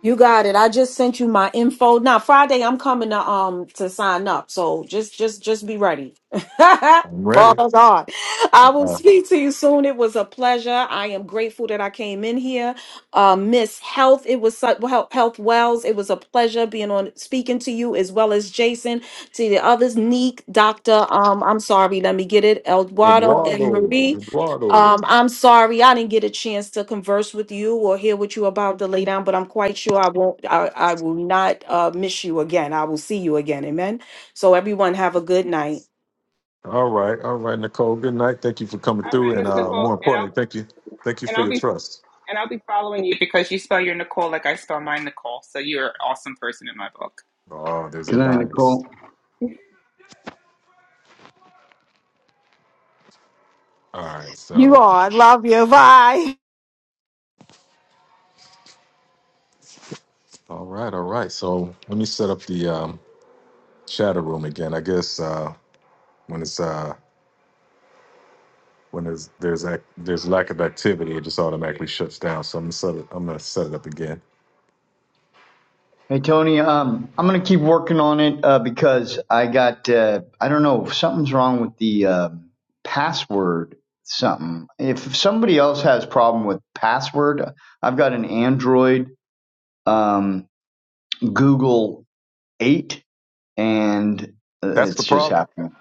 S4: You got it. I just sent you my info. Now Friday I'm coming to um to sign up. So just just just be ready. [laughs]
S1: I'm ready.
S4: Father God. I
S1: Uh,
S4: will
S1: uh,
S4: speak to you soon. It was a pleasure. I am grateful that I came in here. Uh, Miss Health, it was su- well, Health Wells. It was a pleasure being on speaking to you as well as Jason, to the others, Neek, Doctor. Um, I'm sorry, let me get it, Eduardo and
S1: Eduardo,
S4: Marie.
S1: Eduardo.
S4: Um, I'm sorry, I didn't get a chance to converse with you or hear what you're about to lay down, but I'm quite sure I won't, I, I will not uh, miss you again. I will see you again. Amen. So, everyone, have a good night.
S1: All right, all right, Nicole. Good night. Thank you for coming
S6: All right,
S1: through, and
S6: Miss
S1: uh, more
S6: Nicole, and
S1: importantly,
S6: I'll
S1: thank you, thank you
S6: and
S1: for
S6: I'll
S1: your
S6: be
S1: trust.
S6: and I'll be following you because you spell your Nicole like I spell my Nicole. So you're an awesome person in my book.
S1: Oh, there's a
S2: Good night,
S1: bias.
S2: Nicole.
S1: All right,
S4: You
S1: so
S4: are. I love you. Bye.
S1: all right, all right. So let me set up the um, shadow room again. I guess uh, when it's uh, when there's there's ac there's lack of activity, it just automatically shuts down. So I'm gonna set it. I'm gonna set it up again.
S2: Hey Tony, um, I'm gonna keep working on it uh, because I got uh, I don't know something's wrong with the um password something. If somebody else has problem with password, I've got an Android um, Google Eight, and uh,
S1: That's the
S2: it's just
S1: problem.
S2: happening.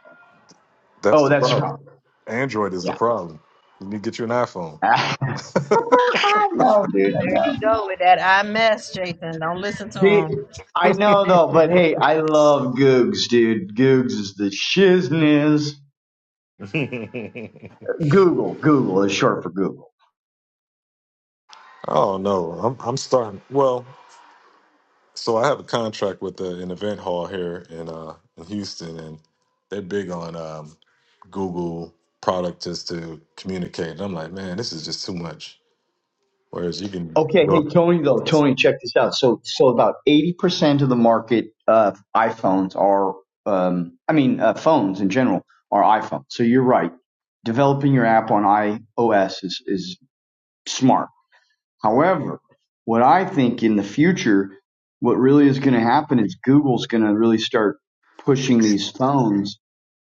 S1: That's
S2: Oh,
S1: the
S2: that's the
S1: problem.
S2: problem.
S1: Android is the
S2: Yeah.
S1: problem. You need to get you an iPhone.
S2: [laughs] I know, dude. I know. See, I know though, but hey, I love Googs, dude. Googs is the shizness.
S1: [laughs]
S2: Google. Google is short for Google.
S1: Oh no, I'm I'm starting. Well, so I have a contract with uh an event hall here in uh in Houston, and they're big on um, Google product just to communicate. And I'm like, man, this is just too much. Whereas you can
S2: Okay, hey
S1: go
S2: Tony though, Tony, check this out. So so about eighty percent of the market of iPhones are um I mean uh, phones in general are iPhones. So you're right. Developing your app on iOS is is smart. However, what I think in the future, what really is going to happen is Google's going to really start pushing these phones.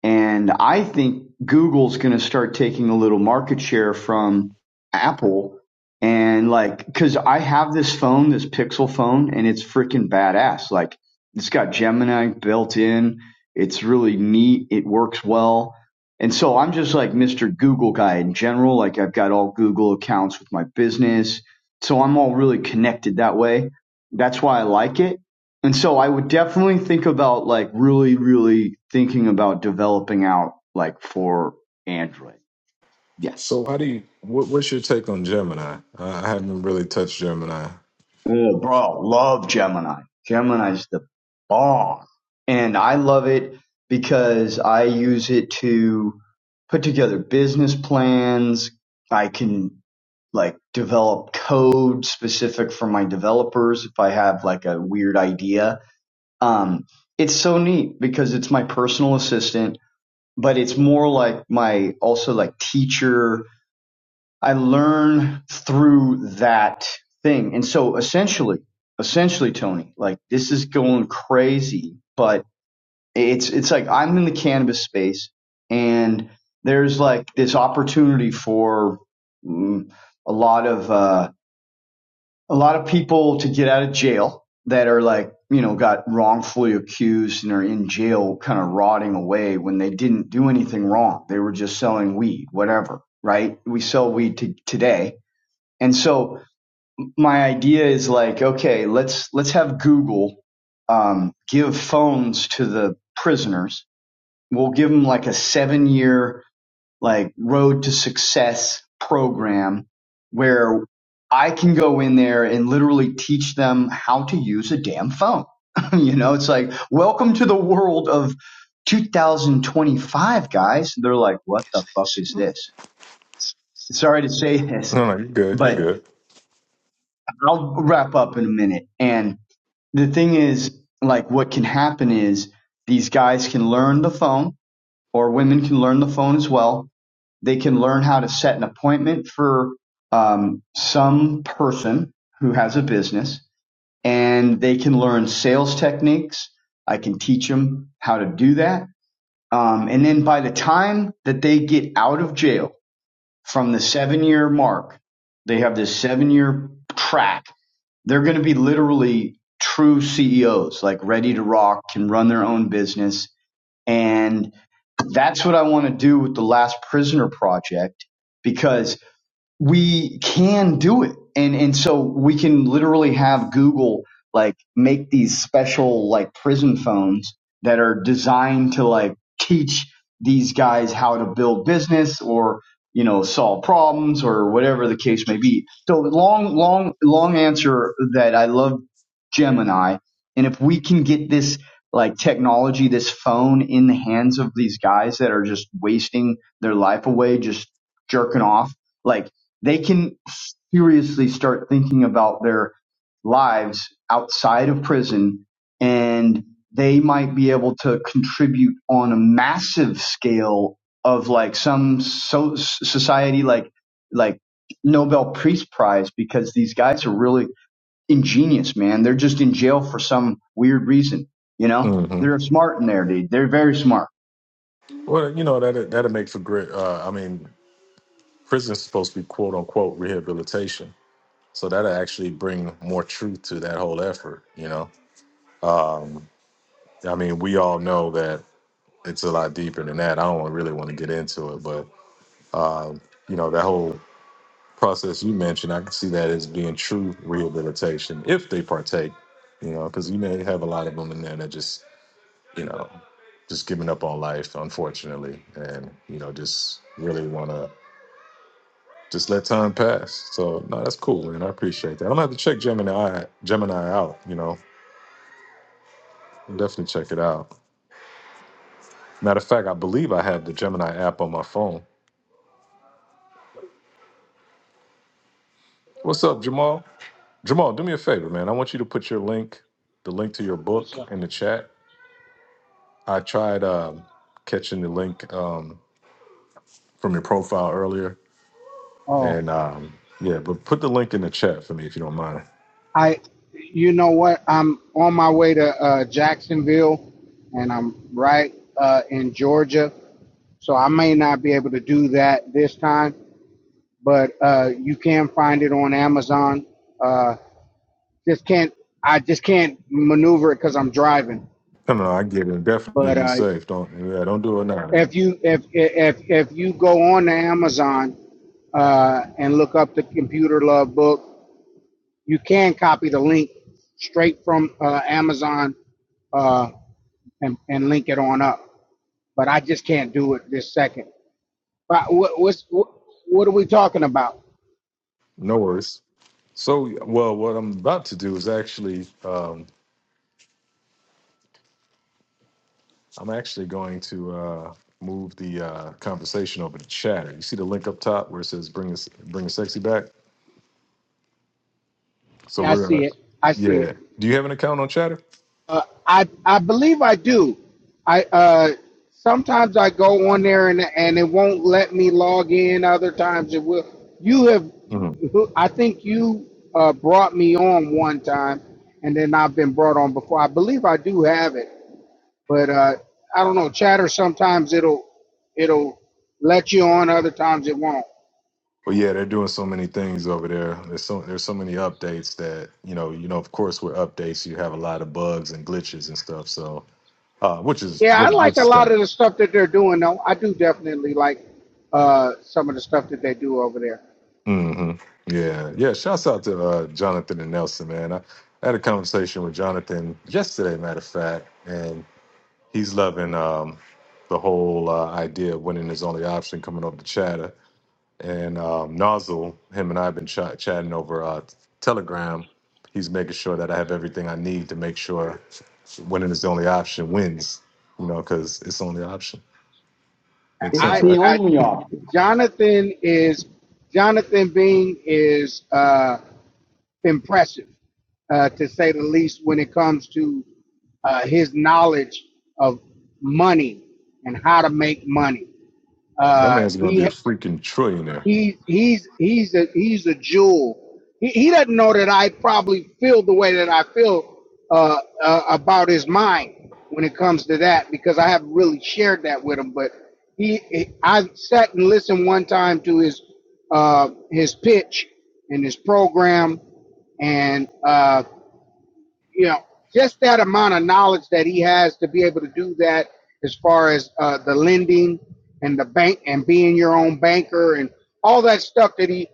S2: And I think Google's going to start taking a little market share from Apple. And like, cause I have this phone, this Pixel phone, and it's freaking badass. Like, it's got Gemini built in. It's really neat. It works well. And so I'm just like Mr. Google guy in general. Like, I've got all Google accounts with my business so I'm all really connected that way. That's why I like it. And so I would definitely think about like really, really thinking about developing out like for Android. Yeah.
S1: So how do you? What, what's your take on Gemini? Uh, I haven't really touched Gemini.
S2: Oh, bro, love Gemini. Gemini's the bomb. And I love it because I use it to put together business plans. I can like develop code specific for my developers if I have like a weird idea Um, it's so neat because it's my personal assistant, but it's more like my also like teacher. I learn through that thing. And so essentially, essentially, Tony, like this is going crazy, but it's, it's like I'm in the cannabis space and there's like this opportunity for mm, a lot of, uh, a lot of people to get out of jail that are like, you know, got wrongfully accused and are in jail kind of rotting away when they didn't do anything wrong. They were just selling weed, whatever, right? We sell weed to today. And so my idea is like, okay, let's, let's have Google, um, give phones to the prisoners. We'll give them like a seven year like road to success program where I can go in there and literally teach them how to use a damn phone. [laughs] you know, it's like, welcome to the world of 2025, guys. They're like, what the fuck is this? Sorry to say this,
S1: No, no, you're good. You're
S2: but
S1: good.
S2: I'll wrap up in a minute. And the thing is, like, what can happen is these guys can learn the phone or women can learn the phone as well They can learn how to set an appointment for um, some person who has a business, and they can learn sales techniques. I can teach them how to do that. Um, and then by the time that they get out of jail from the seven year mark, they have this seven year track. They're going to be literally true CEOs, like ready to rock, can run their own business and that's what I want to do with the Last Prisoner project because we can do it. And and so we can literally have Google like make these special like prison phones that are designed to like teach these guys how to build business or you know solve problems or whatever the case may be. So long long long answer that I love Gemini and if we can get this like technology this phone in the hands of these guys that are just wasting their life away just jerking off like they can seriously start thinking about their lives outside of prison and they might be able to contribute on a massive scale of like some so society like like Nobel Peace Prize because these guys are really ingenious, man. They're just in jail for some weird reason, you know?
S1: hmm
S2: They're smart in there, dude. They're very smart.
S1: Well, you know that that'll make for great. Uh, I mean, prison's supposed to be quote unquote rehabilitation, so that'll actually bring more truth to that whole effort. You know, um, I mean, we all know that it's a lot deeper than that. I don't really want to get into it, but um, you know that whole process you mentioned, I can see that as being true rehabilitation if they partake, you know, because you may have a lot of them in there that just, you know, just giving up on life, unfortunately, and, you know, just really want to just let time pass. So, no, that's cool, man. I appreciate that. I'm going to have to check Gemini, Gemini out, you know, I'll definitely check it out. Matter of fact, I believe I have the Gemini app on my phone. What's up, Jamal? Jamal, do me a favor, man. I want you to put your link, the link to your book
S8: What's up?
S1: in the chat I tried um, catching the link um, from your profile earlier,
S8: Oh,
S1: and um, yeah, but put the link in the chat for me if you don't mind.
S8: I. You know what? I'm on my way to uh, Jacksonville, and I'm right uh, in Georgia, so I may not be able to do that this time. But uh, you can find it on Amazon. Uh, just can't. I just can't maneuver it because I'm driving.
S1: No, no, no, I get it. Definitely
S8: But
S1: be
S8: uh,
S1: safe. Don't yeah, don't do it now. Man.
S8: if you if if if you go on to Amazon uh, and look up the Computer Love book, You can copy the link straight from uh, Amazon uh, and, and link it on up. But I just can't do it this second. But what, what's, what, what are we talking about?
S1: No worries. So, well, what I'm about to do is actually, um, I'm actually going to uh, move the uh, conversation over to chatter. You see the link up top where it says "bring us, bring the sexy back." So
S8: Yeah, I
S1: we're
S8: see
S1: gonna,
S8: it. I see it.
S1: yeah. Do you have an account on Chatter?
S8: Uh, I I believe I do. I uh, sometimes I go on there and and it won't let me log in. Other times it will. You have.
S1: Mm-hmm.
S8: I think you uh, brought me on one time, and then I've been brought on before. I believe I do have it. but uh, I don't know. Chatter sometimes it'll it'll let you on, other times it won't.
S1: Well, yeah, they're doing so many things over there. There's so there's so many updates that you know you know. Of course, with updates, you have a lot of bugs and glitches and stuff. So, uh, which is
S8: Yeah, I
S1: which,
S8: like
S1: which
S8: a
S1: is that?
S8: lot of the stuff that they're doing though. I do definitely like uh, some of the stuff that they do over there.
S1: hmm Yeah, yeah. Shouts out to uh, Jonathan and Nelson, man. I, I had a conversation with Jonathan yesterday, matter of fact, and he's loving um, the whole uh, idea of winning is only option coming over to chatter. and um, Nozzle, him and I have been ch- chatting over uh, Telegram. He's making sure that I have everything I need to make sure winning is the only option wins, you know, because it's the only option. Makes
S2: It's
S1: sense,
S8: I,
S1: right?
S2: the
S8: I
S2: only option.
S8: Jonathan is Jonathan Bean is uh, impressive uh, to say the least when it comes to uh, his knowledge of money and how to make money.
S1: That
S8: Uh,
S1: man's going to be
S8: he
S1: a freaking trillionaire.
S8: He he's he's a he's a jewel. He, he doesn't know that I probably feel the way that I feel uh, uh, about his mind when it comes to that because I haven't really shared that with him. But he, he- I sat and listened one time to his uh, his pitch and his program, and uh, you know, just that amount of knowledge that he has to be able to do that as far as uh, the lending and the bank and being your own banker and all that stuff that he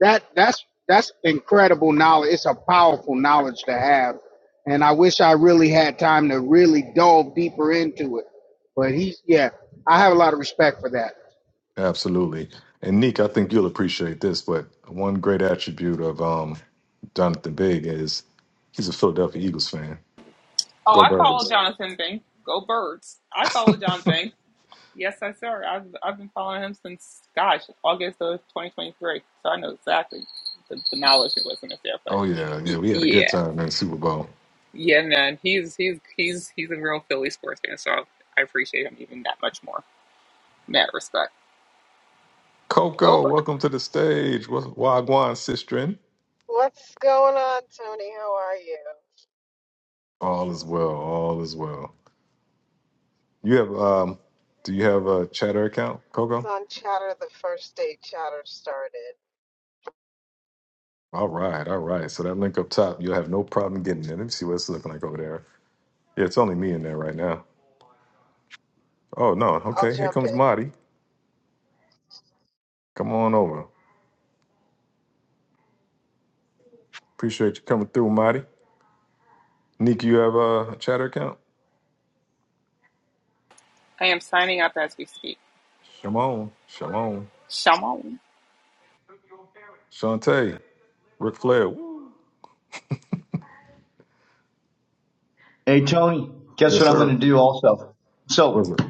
S8: that that's that's incredible knowledge. It's a powerful knowledge to have. And I wish I really had time to really delve deeper into it. But he's yeah, I have a lot of respect for that.
S1: Absolutely. And Nick, I think you'll appreciate this, but one great attribute of um, Jonathan Big is he's a Philadelphia Eagles fan.
S6: Oh,
S1: Go
S6: I follow
S1: Birds.
S6: Jonathan Bing. Go birds! I follow Jonathan Bing. Yes, I sir. I've I've been following him since gosh August of 2023. So I know exactly the, the knowledge that wasn't there, but
S1: Oh, yeah.
S6: y-
S1: Yeah, we had a good
S6: yeah,
S1: time in the Super Bowl.
S6: yeah, man, he's he's he's he's a real Philly sports fan. So I appreciate him even that much more. in That respect. Go
S1: Coco,
S6: birds.
S1: welcome to the stage. Wa- Wagwan Sistrin.
S9: What's going on, Tony? How are you?
S1: All is well. All is well. You have um do you have a chatter account,
S9: I was
S1: Coco?
S9: on Chatter the first day Chatter started.
S1: All right, all right. So that link up top, you'll have no problem getting there. Let me see what it's looking like over there. Yeah, it's only me in there right now. Oh no,
S9: I'll
S1: okay, here
S9: jump in.
S1: comes Marty. Come on over. Appreciate you coming through, Marty. Nick, you have a chatter account?
S6: I am signing up as we speak.
S1: Shalom. Shalom.
S6: Shalom.
S1: Shantae. Ric Flair. Woo.
S2: Hey Tony, guess
S1: Yes,
S2: what I'm going
S1: sir.
S2: to do also?
S1: Was
S2: So
S1: it?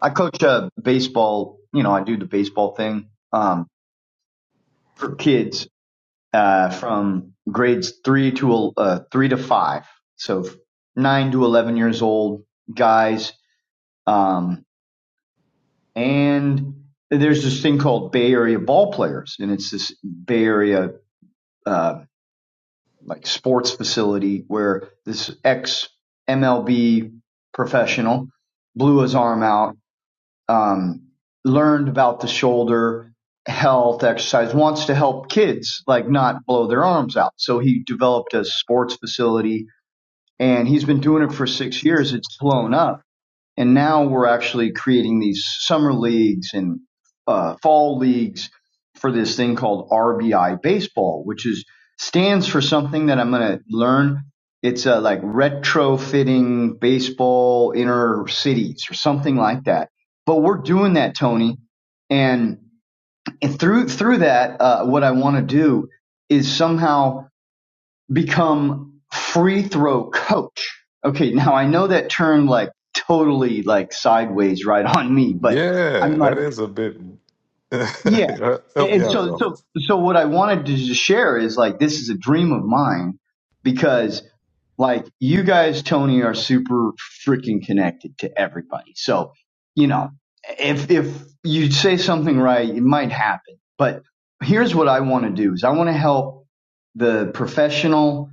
S2: I coach a baseball. You know, I do the baseball thing um, for kids uh, from grades three to uh, three to five, so nine to eleven years old guys. Um, and there's this thing called Bay Area Ball Players, and it's this Bay Area uh, like sports facility where this ex MLB professional blew his arm out um, learned about the shoulder health exercise wants to help kids like not blow their arms out so he developed a sports facility and he's been doing it for six years it's blown up and now we're actually creating these summer leagues and uh, fall leagues for this thing called RBI baseball, which is stands for something that I'm going to learn. It's uh, like retrofitting baseball inner cities or something like that. But we're doing that, Tony. And, and through through that, uh, what I want to do is somehow– become free throw coach. Okay, now I know that term like totally like sideways right [laughs] on me, but I'm
S1: Yeah,
S2: like,
S1: that is a bit
S2: yeah.
S1: [laughs]
S2: And
S1: help me
S2: and
S1: out
S2: so,
S1: though.
S2: so, so what I wanted to just share is like, this is a dream of mine because like you guys, Tony, are super freaking connected to everybody. So, you know, if, if you say something right, it might happen, but here's what I want to do is I want to help the professional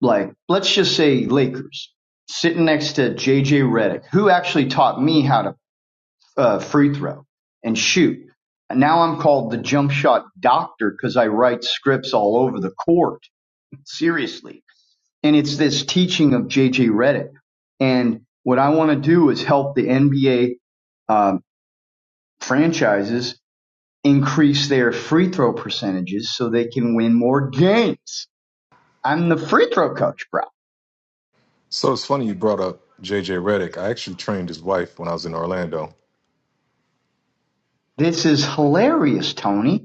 S2: like let's just say Lakers sitting next to JJ Redick, who actually taught me how to uh, free throw and shoot. And now I'm called the jump shot doctor because I write scripts all over the court. [laughs] Seriously, and it's this teaching of JJ Redick. And what I want to do is help the NBA um, franchises increase their free throw percentages so they can win more games. I'm the free throw coach, bro.
S1: So it's funny you brought up JJ Redick. I actually trained his wife when I was in Orlando.
S2: This is hilarious, Tony.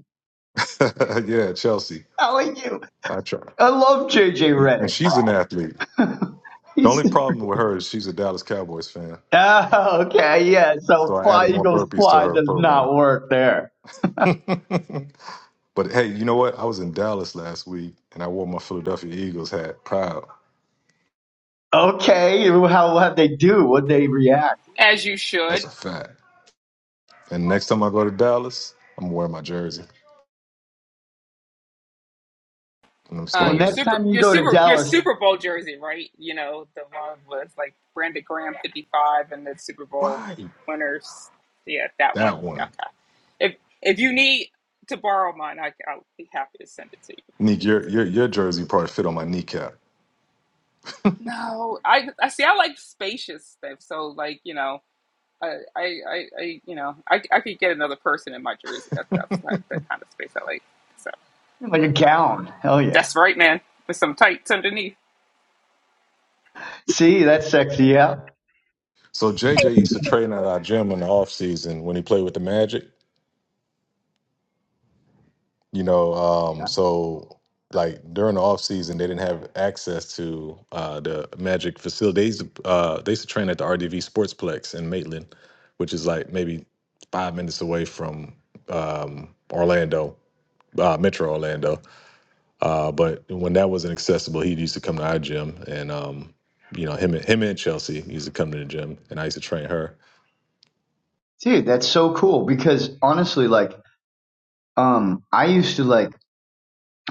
S1: [laughs] yeah, Chelsea.
S2: How are you?
S1: I try.
S2: I love JJ
S1: And and
S2: Redick,
S1: she's
S2: bro.
S1: an athlete.
S2: [laughs]
S1: The only
S2: He's
S1: problem with her is she's a Dallas Cowboys fan.
S2: oh, okay, yeah.
S1: So
S2: So
S1: I
S2: fly
S1: added more
S2: eagles
S1: burpees to
S2: fly
S1: her
S2: does
S1: program.
S2: not work there.
S1: [laughs] but hey, you know what? I was in Dallas last week and I wore my Philadelphia Eagles hat. Proud.
S2: Okay, how how they do? Would they react?
S6: As you
S1: That's
S6: should.
S1: a fact. And next time I go to Dallas, I'm gonna wear my jersey and I'm just
S6: Uh,
S2: Well,
S1: going
S6: your
S1: with
S2: next
S6: super,
S2: time you
S6: your
S2: go to
S1: oh,
S6: super, your
S2: Dallas,
S6: Super Bowl jersey, right? You know the one with like Brandon Graham fifty five and the Super Bowl
S1: right.
S6: winners. Yeah, that one.
S1: That
S6: Yeah,
S1: one.
S6: okay. If if you need to borrow mine, I, I'll be happy to send it to you.
S1: Nick. your
S6: It's
S1: your
S6: okay.
S1: your jersey probably fit on my kneecap.
S6: No, I I see. I like spacious stuff. So like you know, I I I, I you know, I I could get another person in my jersey. That that's like the kind of space I like. So,
S2: like a gown. Hell yeah.
S6: That's right, man. With some tights underneath.
S2: See, that's sexy. Yeah,
S1: So JJ used to train at our gym in the off season when he played with the Magic. You know, um,
S2: yeah.
S1: so like during the off season, they didn't have access to uh, the Magic facility. They used, to, uh, they used to train at the RDV Sportsplex in Maitland, which is like maybe five minutes away from um, Orlando, uh, Metro Orlando. Uh, but when that wasn't accessible, he used to come to our gym, and um, you know, him and him and Chelsea used to come to the gym, and I used to train her.
S2: Dude, that's so cool because honestly, like, um, I used to like.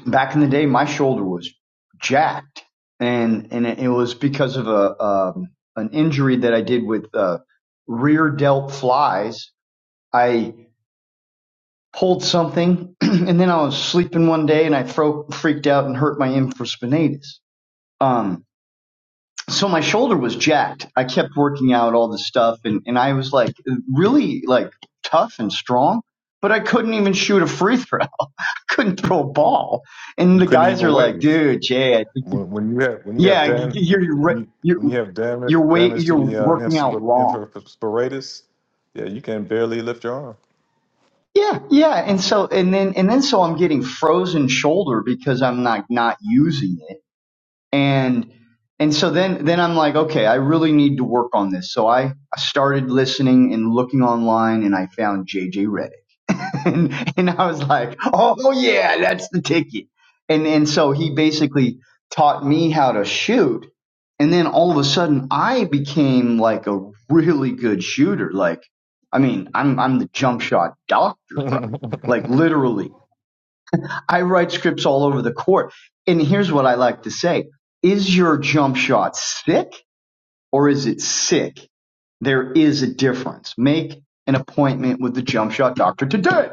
S2: back in the day, my shoulder was jacked, and and it was because of a um, an injury that I did with uh, rear delt flies. I pulled something, [clears throat] and then I was sleeping one day, and I fro- freaked out and hurt my infraspinatus. Um, so my shoulder was jacked. I kept working out all this stuff, and and I was like really like tough and strong. But I couldn't even shoot a free throw. [laughs] I couldn't throw a ball. And
S1: You
S2: the
S1: couldn't
S2: guys
S1: even
S2: are like,
S1: wave.
S2: dude, Jay, I think you
S1: when, when you have when you
S2: Yeah,
S1: have
S2: y- y-
S1: dam
S2: you're
S1: when
S2: re-
S1: you
S2: you're
S1: when you have damage
S2: you're way
S1: damage to
S2: you're
S1: the uh,
S2: working out
S1: infra-
S2: wrong.
S1: infraspiratus, yeah, you can barely lift your
S2: Yeah, yeah, and so and then and then so I'm getting frozen shoulder because I'm like not using it. and and so then then i'm like okay i really need to work on this so i i started listening and looking online and i found jj Redick [laughs] and and i was like oh yeah that's the ticket and and so he basically taught me how to shoot and then all of a sudden i became like a really good shooter like i mean i'm i'm the jump shot doctor bro
S1: arm. [laughs]
S2: like literally I write scripts all over the court. And here's what I like to say. Is your jump shot sick or is it sick? There is a difference. Make an appointment with the jump shot doctor today.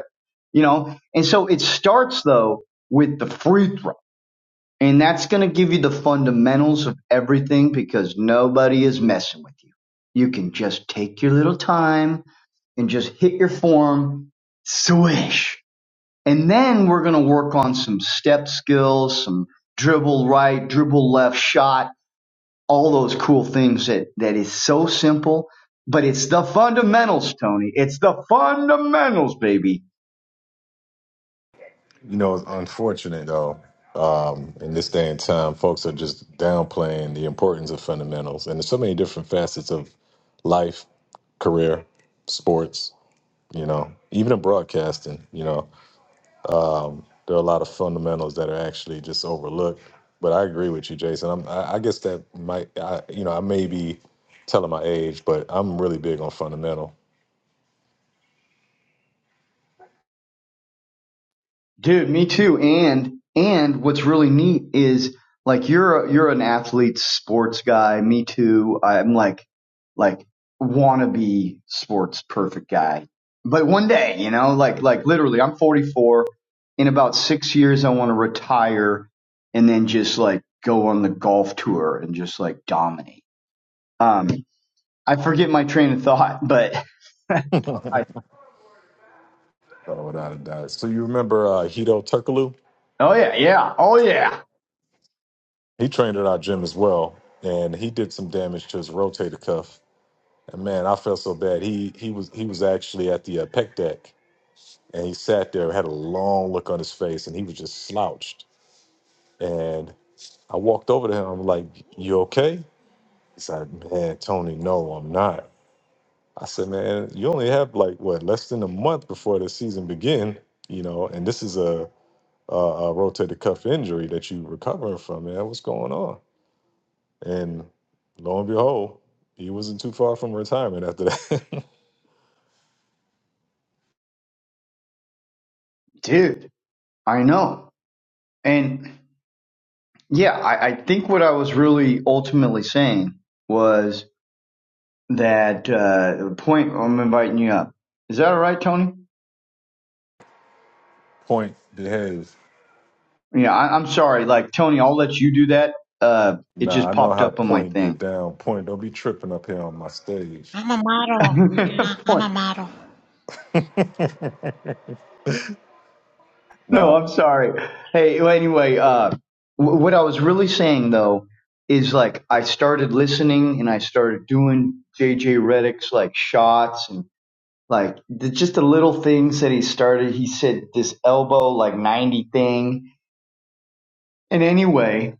S2: You know, and so it starts though with the free throw. And that's going to give you the fundamentals of everything because nobody is messing with you. You can just take your little time and just hit your form, swish and then we're going to work on some step skills, some dribble right, dribble left shot, all those cool things that, that is so simple, but it's the fundamentals, Tony. It's the fundamentals, baby.
S1: You know, it's unfortunate though. Um, in this day and time, folks are just downplaying the importance of fundamentals, and there's so many different facets of life, career, sports. You know, even in broadcasting. You know, Um, there are a lot of fundamentals that are actually just overlooked. But I agree with you, Jason. I'm, I, I guess that might, I, you know, I may be telling my age, but I'm really big on fundamental,
S2: Dude, me too. And and what's really neat is like you're a, you're an athlete, sports guy. Me too. I'm like like wannabe sports perfect guy. But one day, you know, like like literally, I'm 44. In about six years, I want to retire and then just like go on the golf tour and just like dominate. Um, I forget my train of thought, but [laughs] I,
S1: uh, without a doubt. So you remember uh, Hito Turkoglu?
S2: oh yeah, yeah, oh yeah,
S1: He trained at our gym as well, and he did some damage to his rotator cuff. And man, I felt so bad. He he was he was actually at the uh, pec deck, and he sat there, had a long look on his face, and he was just slouched. And I walked over to him, I'm like, "You okay?" Yes, I said, man, Tony, no, I'm not. I said, man, you only have like what less than a month before the season begin, you know, and this is a a, a rotator cuff injury that you recovering from, man. What's going on? And lo and behold, he wasn't too far from retirement after that.
S2: dude, I know. And Yeah, I, I think what I was really ultimately saying was that uh, the point I'm inviting you up. Is that all right, Tony?
S1: [laughs] point behaves.
S2: Yeah, I, I'm sorry. Like, Tony, I'll let you do that. Uh, it
S1: Nah,
S2: just
S1: I know
S2: popped
S1: how
S2: up on my
S1: point get
S2: thing.
S1: down. Point, don't be tripping up here on my stage.
S10: I'm a
S2: [laughs]
S10: model. Yeah, I'm
S2: Point.
S10: a model.
S1: [laughs]
S2: no,
S1: Nah.
S2: I'm sorry. Hey, well, anyway, uh, w- what I was really saying, though, is like I started listening and I started doing JJ Reddick's like shots and. like the, just the little things that he started. He said this elbow like 90 thing. And anyway,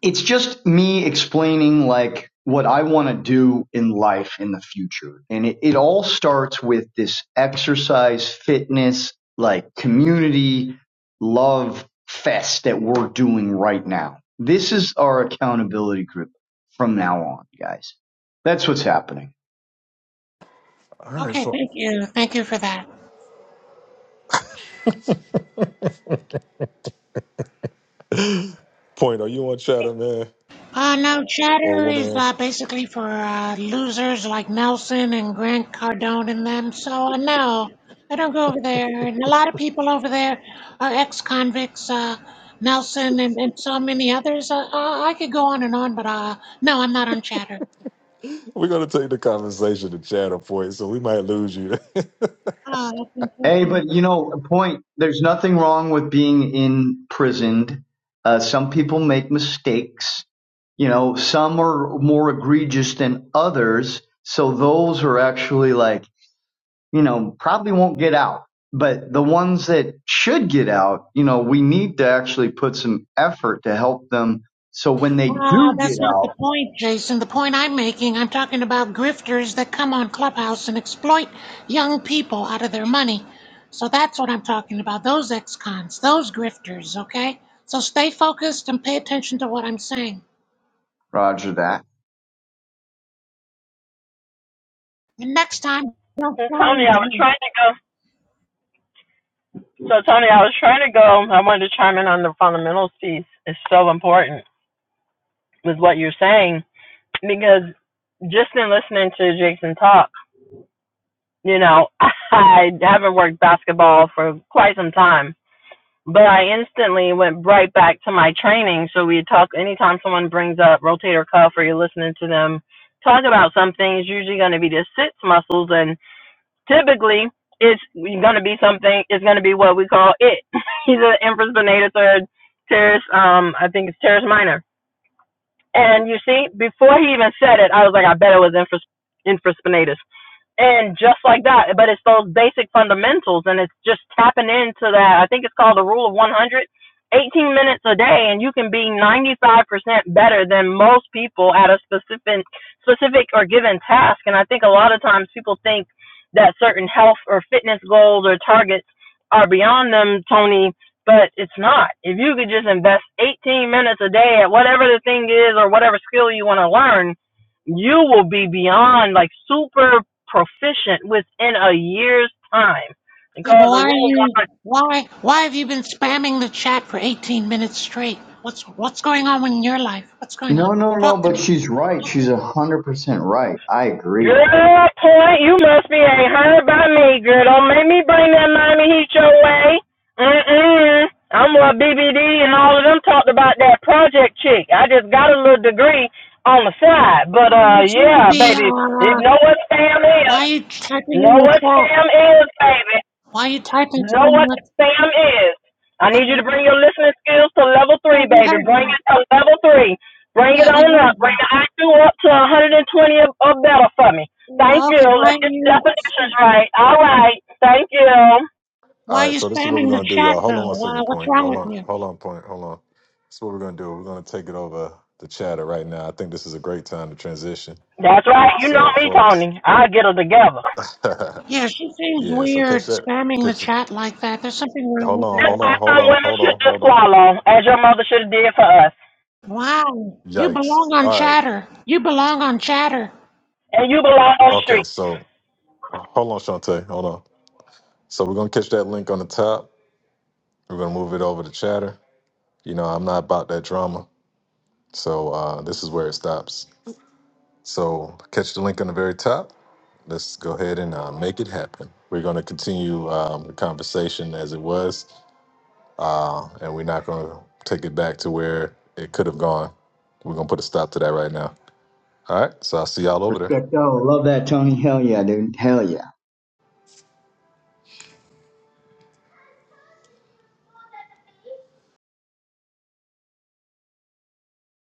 S2: it's just me explaining like what I want to do in life in the future. And it, it all starts with this exercise, fitness, like community love fest that we're doing right now. This is our accountability group from now on, guys. That's what's happening.
S1: All right,
S10: Okay,
S1: so
S10: thank you. Thank you for that.
S1: point, are you on chatter, man,
S10: Uh, no,
S1: or
S10: chatter is
S1: woman?
S10: uh, basically for uh, losers like Nelson and Grant Cardone and them. So, uh, no, I don't go over there. And a lot of people over there are ex convicts, uh, Nelson and, and so many others. Uh, uh, I could go on and on, but uh, no, I'm not on chatter.
S1: We're gonna take the conversation to channel point, so we might lose you. [laughs]
S10: Oh, that's
S2: Hey,
S10: unfortunate.
S2: but you know, point. There's nothing wrong with being imprisoned. Uh, some people make mistakes. You know, some are more egregious than others. So those are actually like, you know, probably won't get out. But the ones that should get out, you know, we need to actually put some effort to help them. So when they
S10: Ah,
S2: do get
S10: that's not the
S2: out,
S10: point, Jason. The point I'm making, I'm talking about grifters that come on Clubhouse and exploit young people out of their money. So that's what I'm talking about. Those ex-cons, those grifters, okay? So stay focused and pay attention to what I'm saying.
S2: Roger that.
S10: And next time, don't
S5: So Tony,
S10: challenge
S5: I was
S10: me.
S5: trying to go. So Tony, I was trying to go. I wanted to chime in on the fundamentals piece. It's so important with what you're saying because just in listening to Jason talk, you know, [laughs] I haven't worked basketball for quite some time, but I instantly went right back to my training. So we talk anytime someone brings up rotator cuff or you're listening to them talk about something, it's usually going to be the sits muscles, and typically it's going to be something. It's going to be what we call it. [laughs] He's an infraspinator third teres. Um, I think it's teres minor and you see, before he even said it, I was like, I bet it was infras- infraspinatus and just like that but it's those basic fundamentals and it's just tapping into that i think it's called the rule of 100, 18 minutes a day and you can be 95% better than most people at a specific specific or given task and i think a lot of times people think that certain health or fitness goals or targets are beyond them tony but it's not if you could just invest 18 minutes a day at whatever the thing is or whatever skill you want to learn you will be beyond like super proficient within a year's time.
S10: Yeah, but
S5: Because the
S10: why are
S5: rule of
S10: you
S5: one
S10: why why have you been spamming the chat for 18 minutes straight? What's what's going on in your life? What's going on?
S2: No, no, no.
S10: Talk to
S2: But
S10: me.
S2: she's right.
S10: Talk to
S2: She's a
S10: me.
S2: hundred percent right. I agree.
S5: Good point. You must be ain't heard by me, girl. Don't make me bring that Miami Heat your way. Mm-mm. I'm what BBD and all of them talked about that project chick. I just got a little degree on the side. But,
S10: Well,
S5: uh,
S10: you seem to
S5: yeah,
S10: be.
S5: baby, you
S10: Uh,
S5: know what spam
S10: Why
S5: is.
S10: are you typing in
S5: Know
S10: the
S5: what
S10: chat?
S5: spam is, baby.
S10: Why are you typing
S5: Know
S10: so
S5: what
S10: much?
S5: spam is. I need
S10: Okay.
S5: you to bring your listening skills to level
S10: Yeah,
S5: three,
S10: we
S5: baby.
S10: heard
S5: Bring
S10: you.
S5: it to level three. Bring it
S10: Yeah,
S5: on
S10: we
S5: up.
S10: heard
S5: Bring
S10: you.
S5: the IQ up to 120 or better for me. Thank
S10: Yeah,
S5: you.
S10: okay, why
S5: Let's
S10: are
S5: get
S10: you
S5: definitions right. All right. Thank you.
S1: All
S10: why are
S1: right,
S10: you
S1: so this is what we're
S10: spamming the
S1: gonna do,
S10: chat
S1: y'all. Hold on
S10: though?
S1: one
S10: Why,
S1: second,
S10: what's
S1: point.
S10: wrong
S1: Hold
S10: with
S1: on,
S10: you?
S1: hold on, point. Hold on. This is what we're gonna do. We're gonna take it over the chatter right now. I think this is a great time to transition.
S5: That's right. You know
S1: So,
S5: me,
S1: folks,
S5: Tony. I'll get it together.
S1: [laughs]
S10: Yeah, she seems
S1: yeah. So
S10: weird
S1: catch that.
S10: spamming the
S1: Catch. it.
S10: chat like that. There's something wrong
S1: Hold
S10: with
S1: on,
S5: That's
S10: her.
S1: hold
S5: why
S1: on, hold
S5: some
S1: on,
S5: women
S1: hold
S5: should
S1: on,
S5: just
S1: hold on.
S5: swallow, as your mother should have did for us.
S10: Wow. You
S1: Yikes.
S10: belong on
S1: All right.
S10: chatter. You belong on chatter.
S5: And you belong on the street.
S1: Okay. So, hold on, Shantae. Hold on. So we're gonna catch that link on the top. We're gonna move it over to chatter. You know, I'm not about that drama. So uh, this is where it stops. So catch the link on the very top. Let's go ahead and uh, make it happen. We're going to continue um, the conversation as it was, uh, and we're not going to take it back to where it could have gone. We're going to put a stop to that right now. All right. So I'll see y'all over there.
S2: Respect. Oh, love that, Tony. Hell yeah, dude. Hell yeah.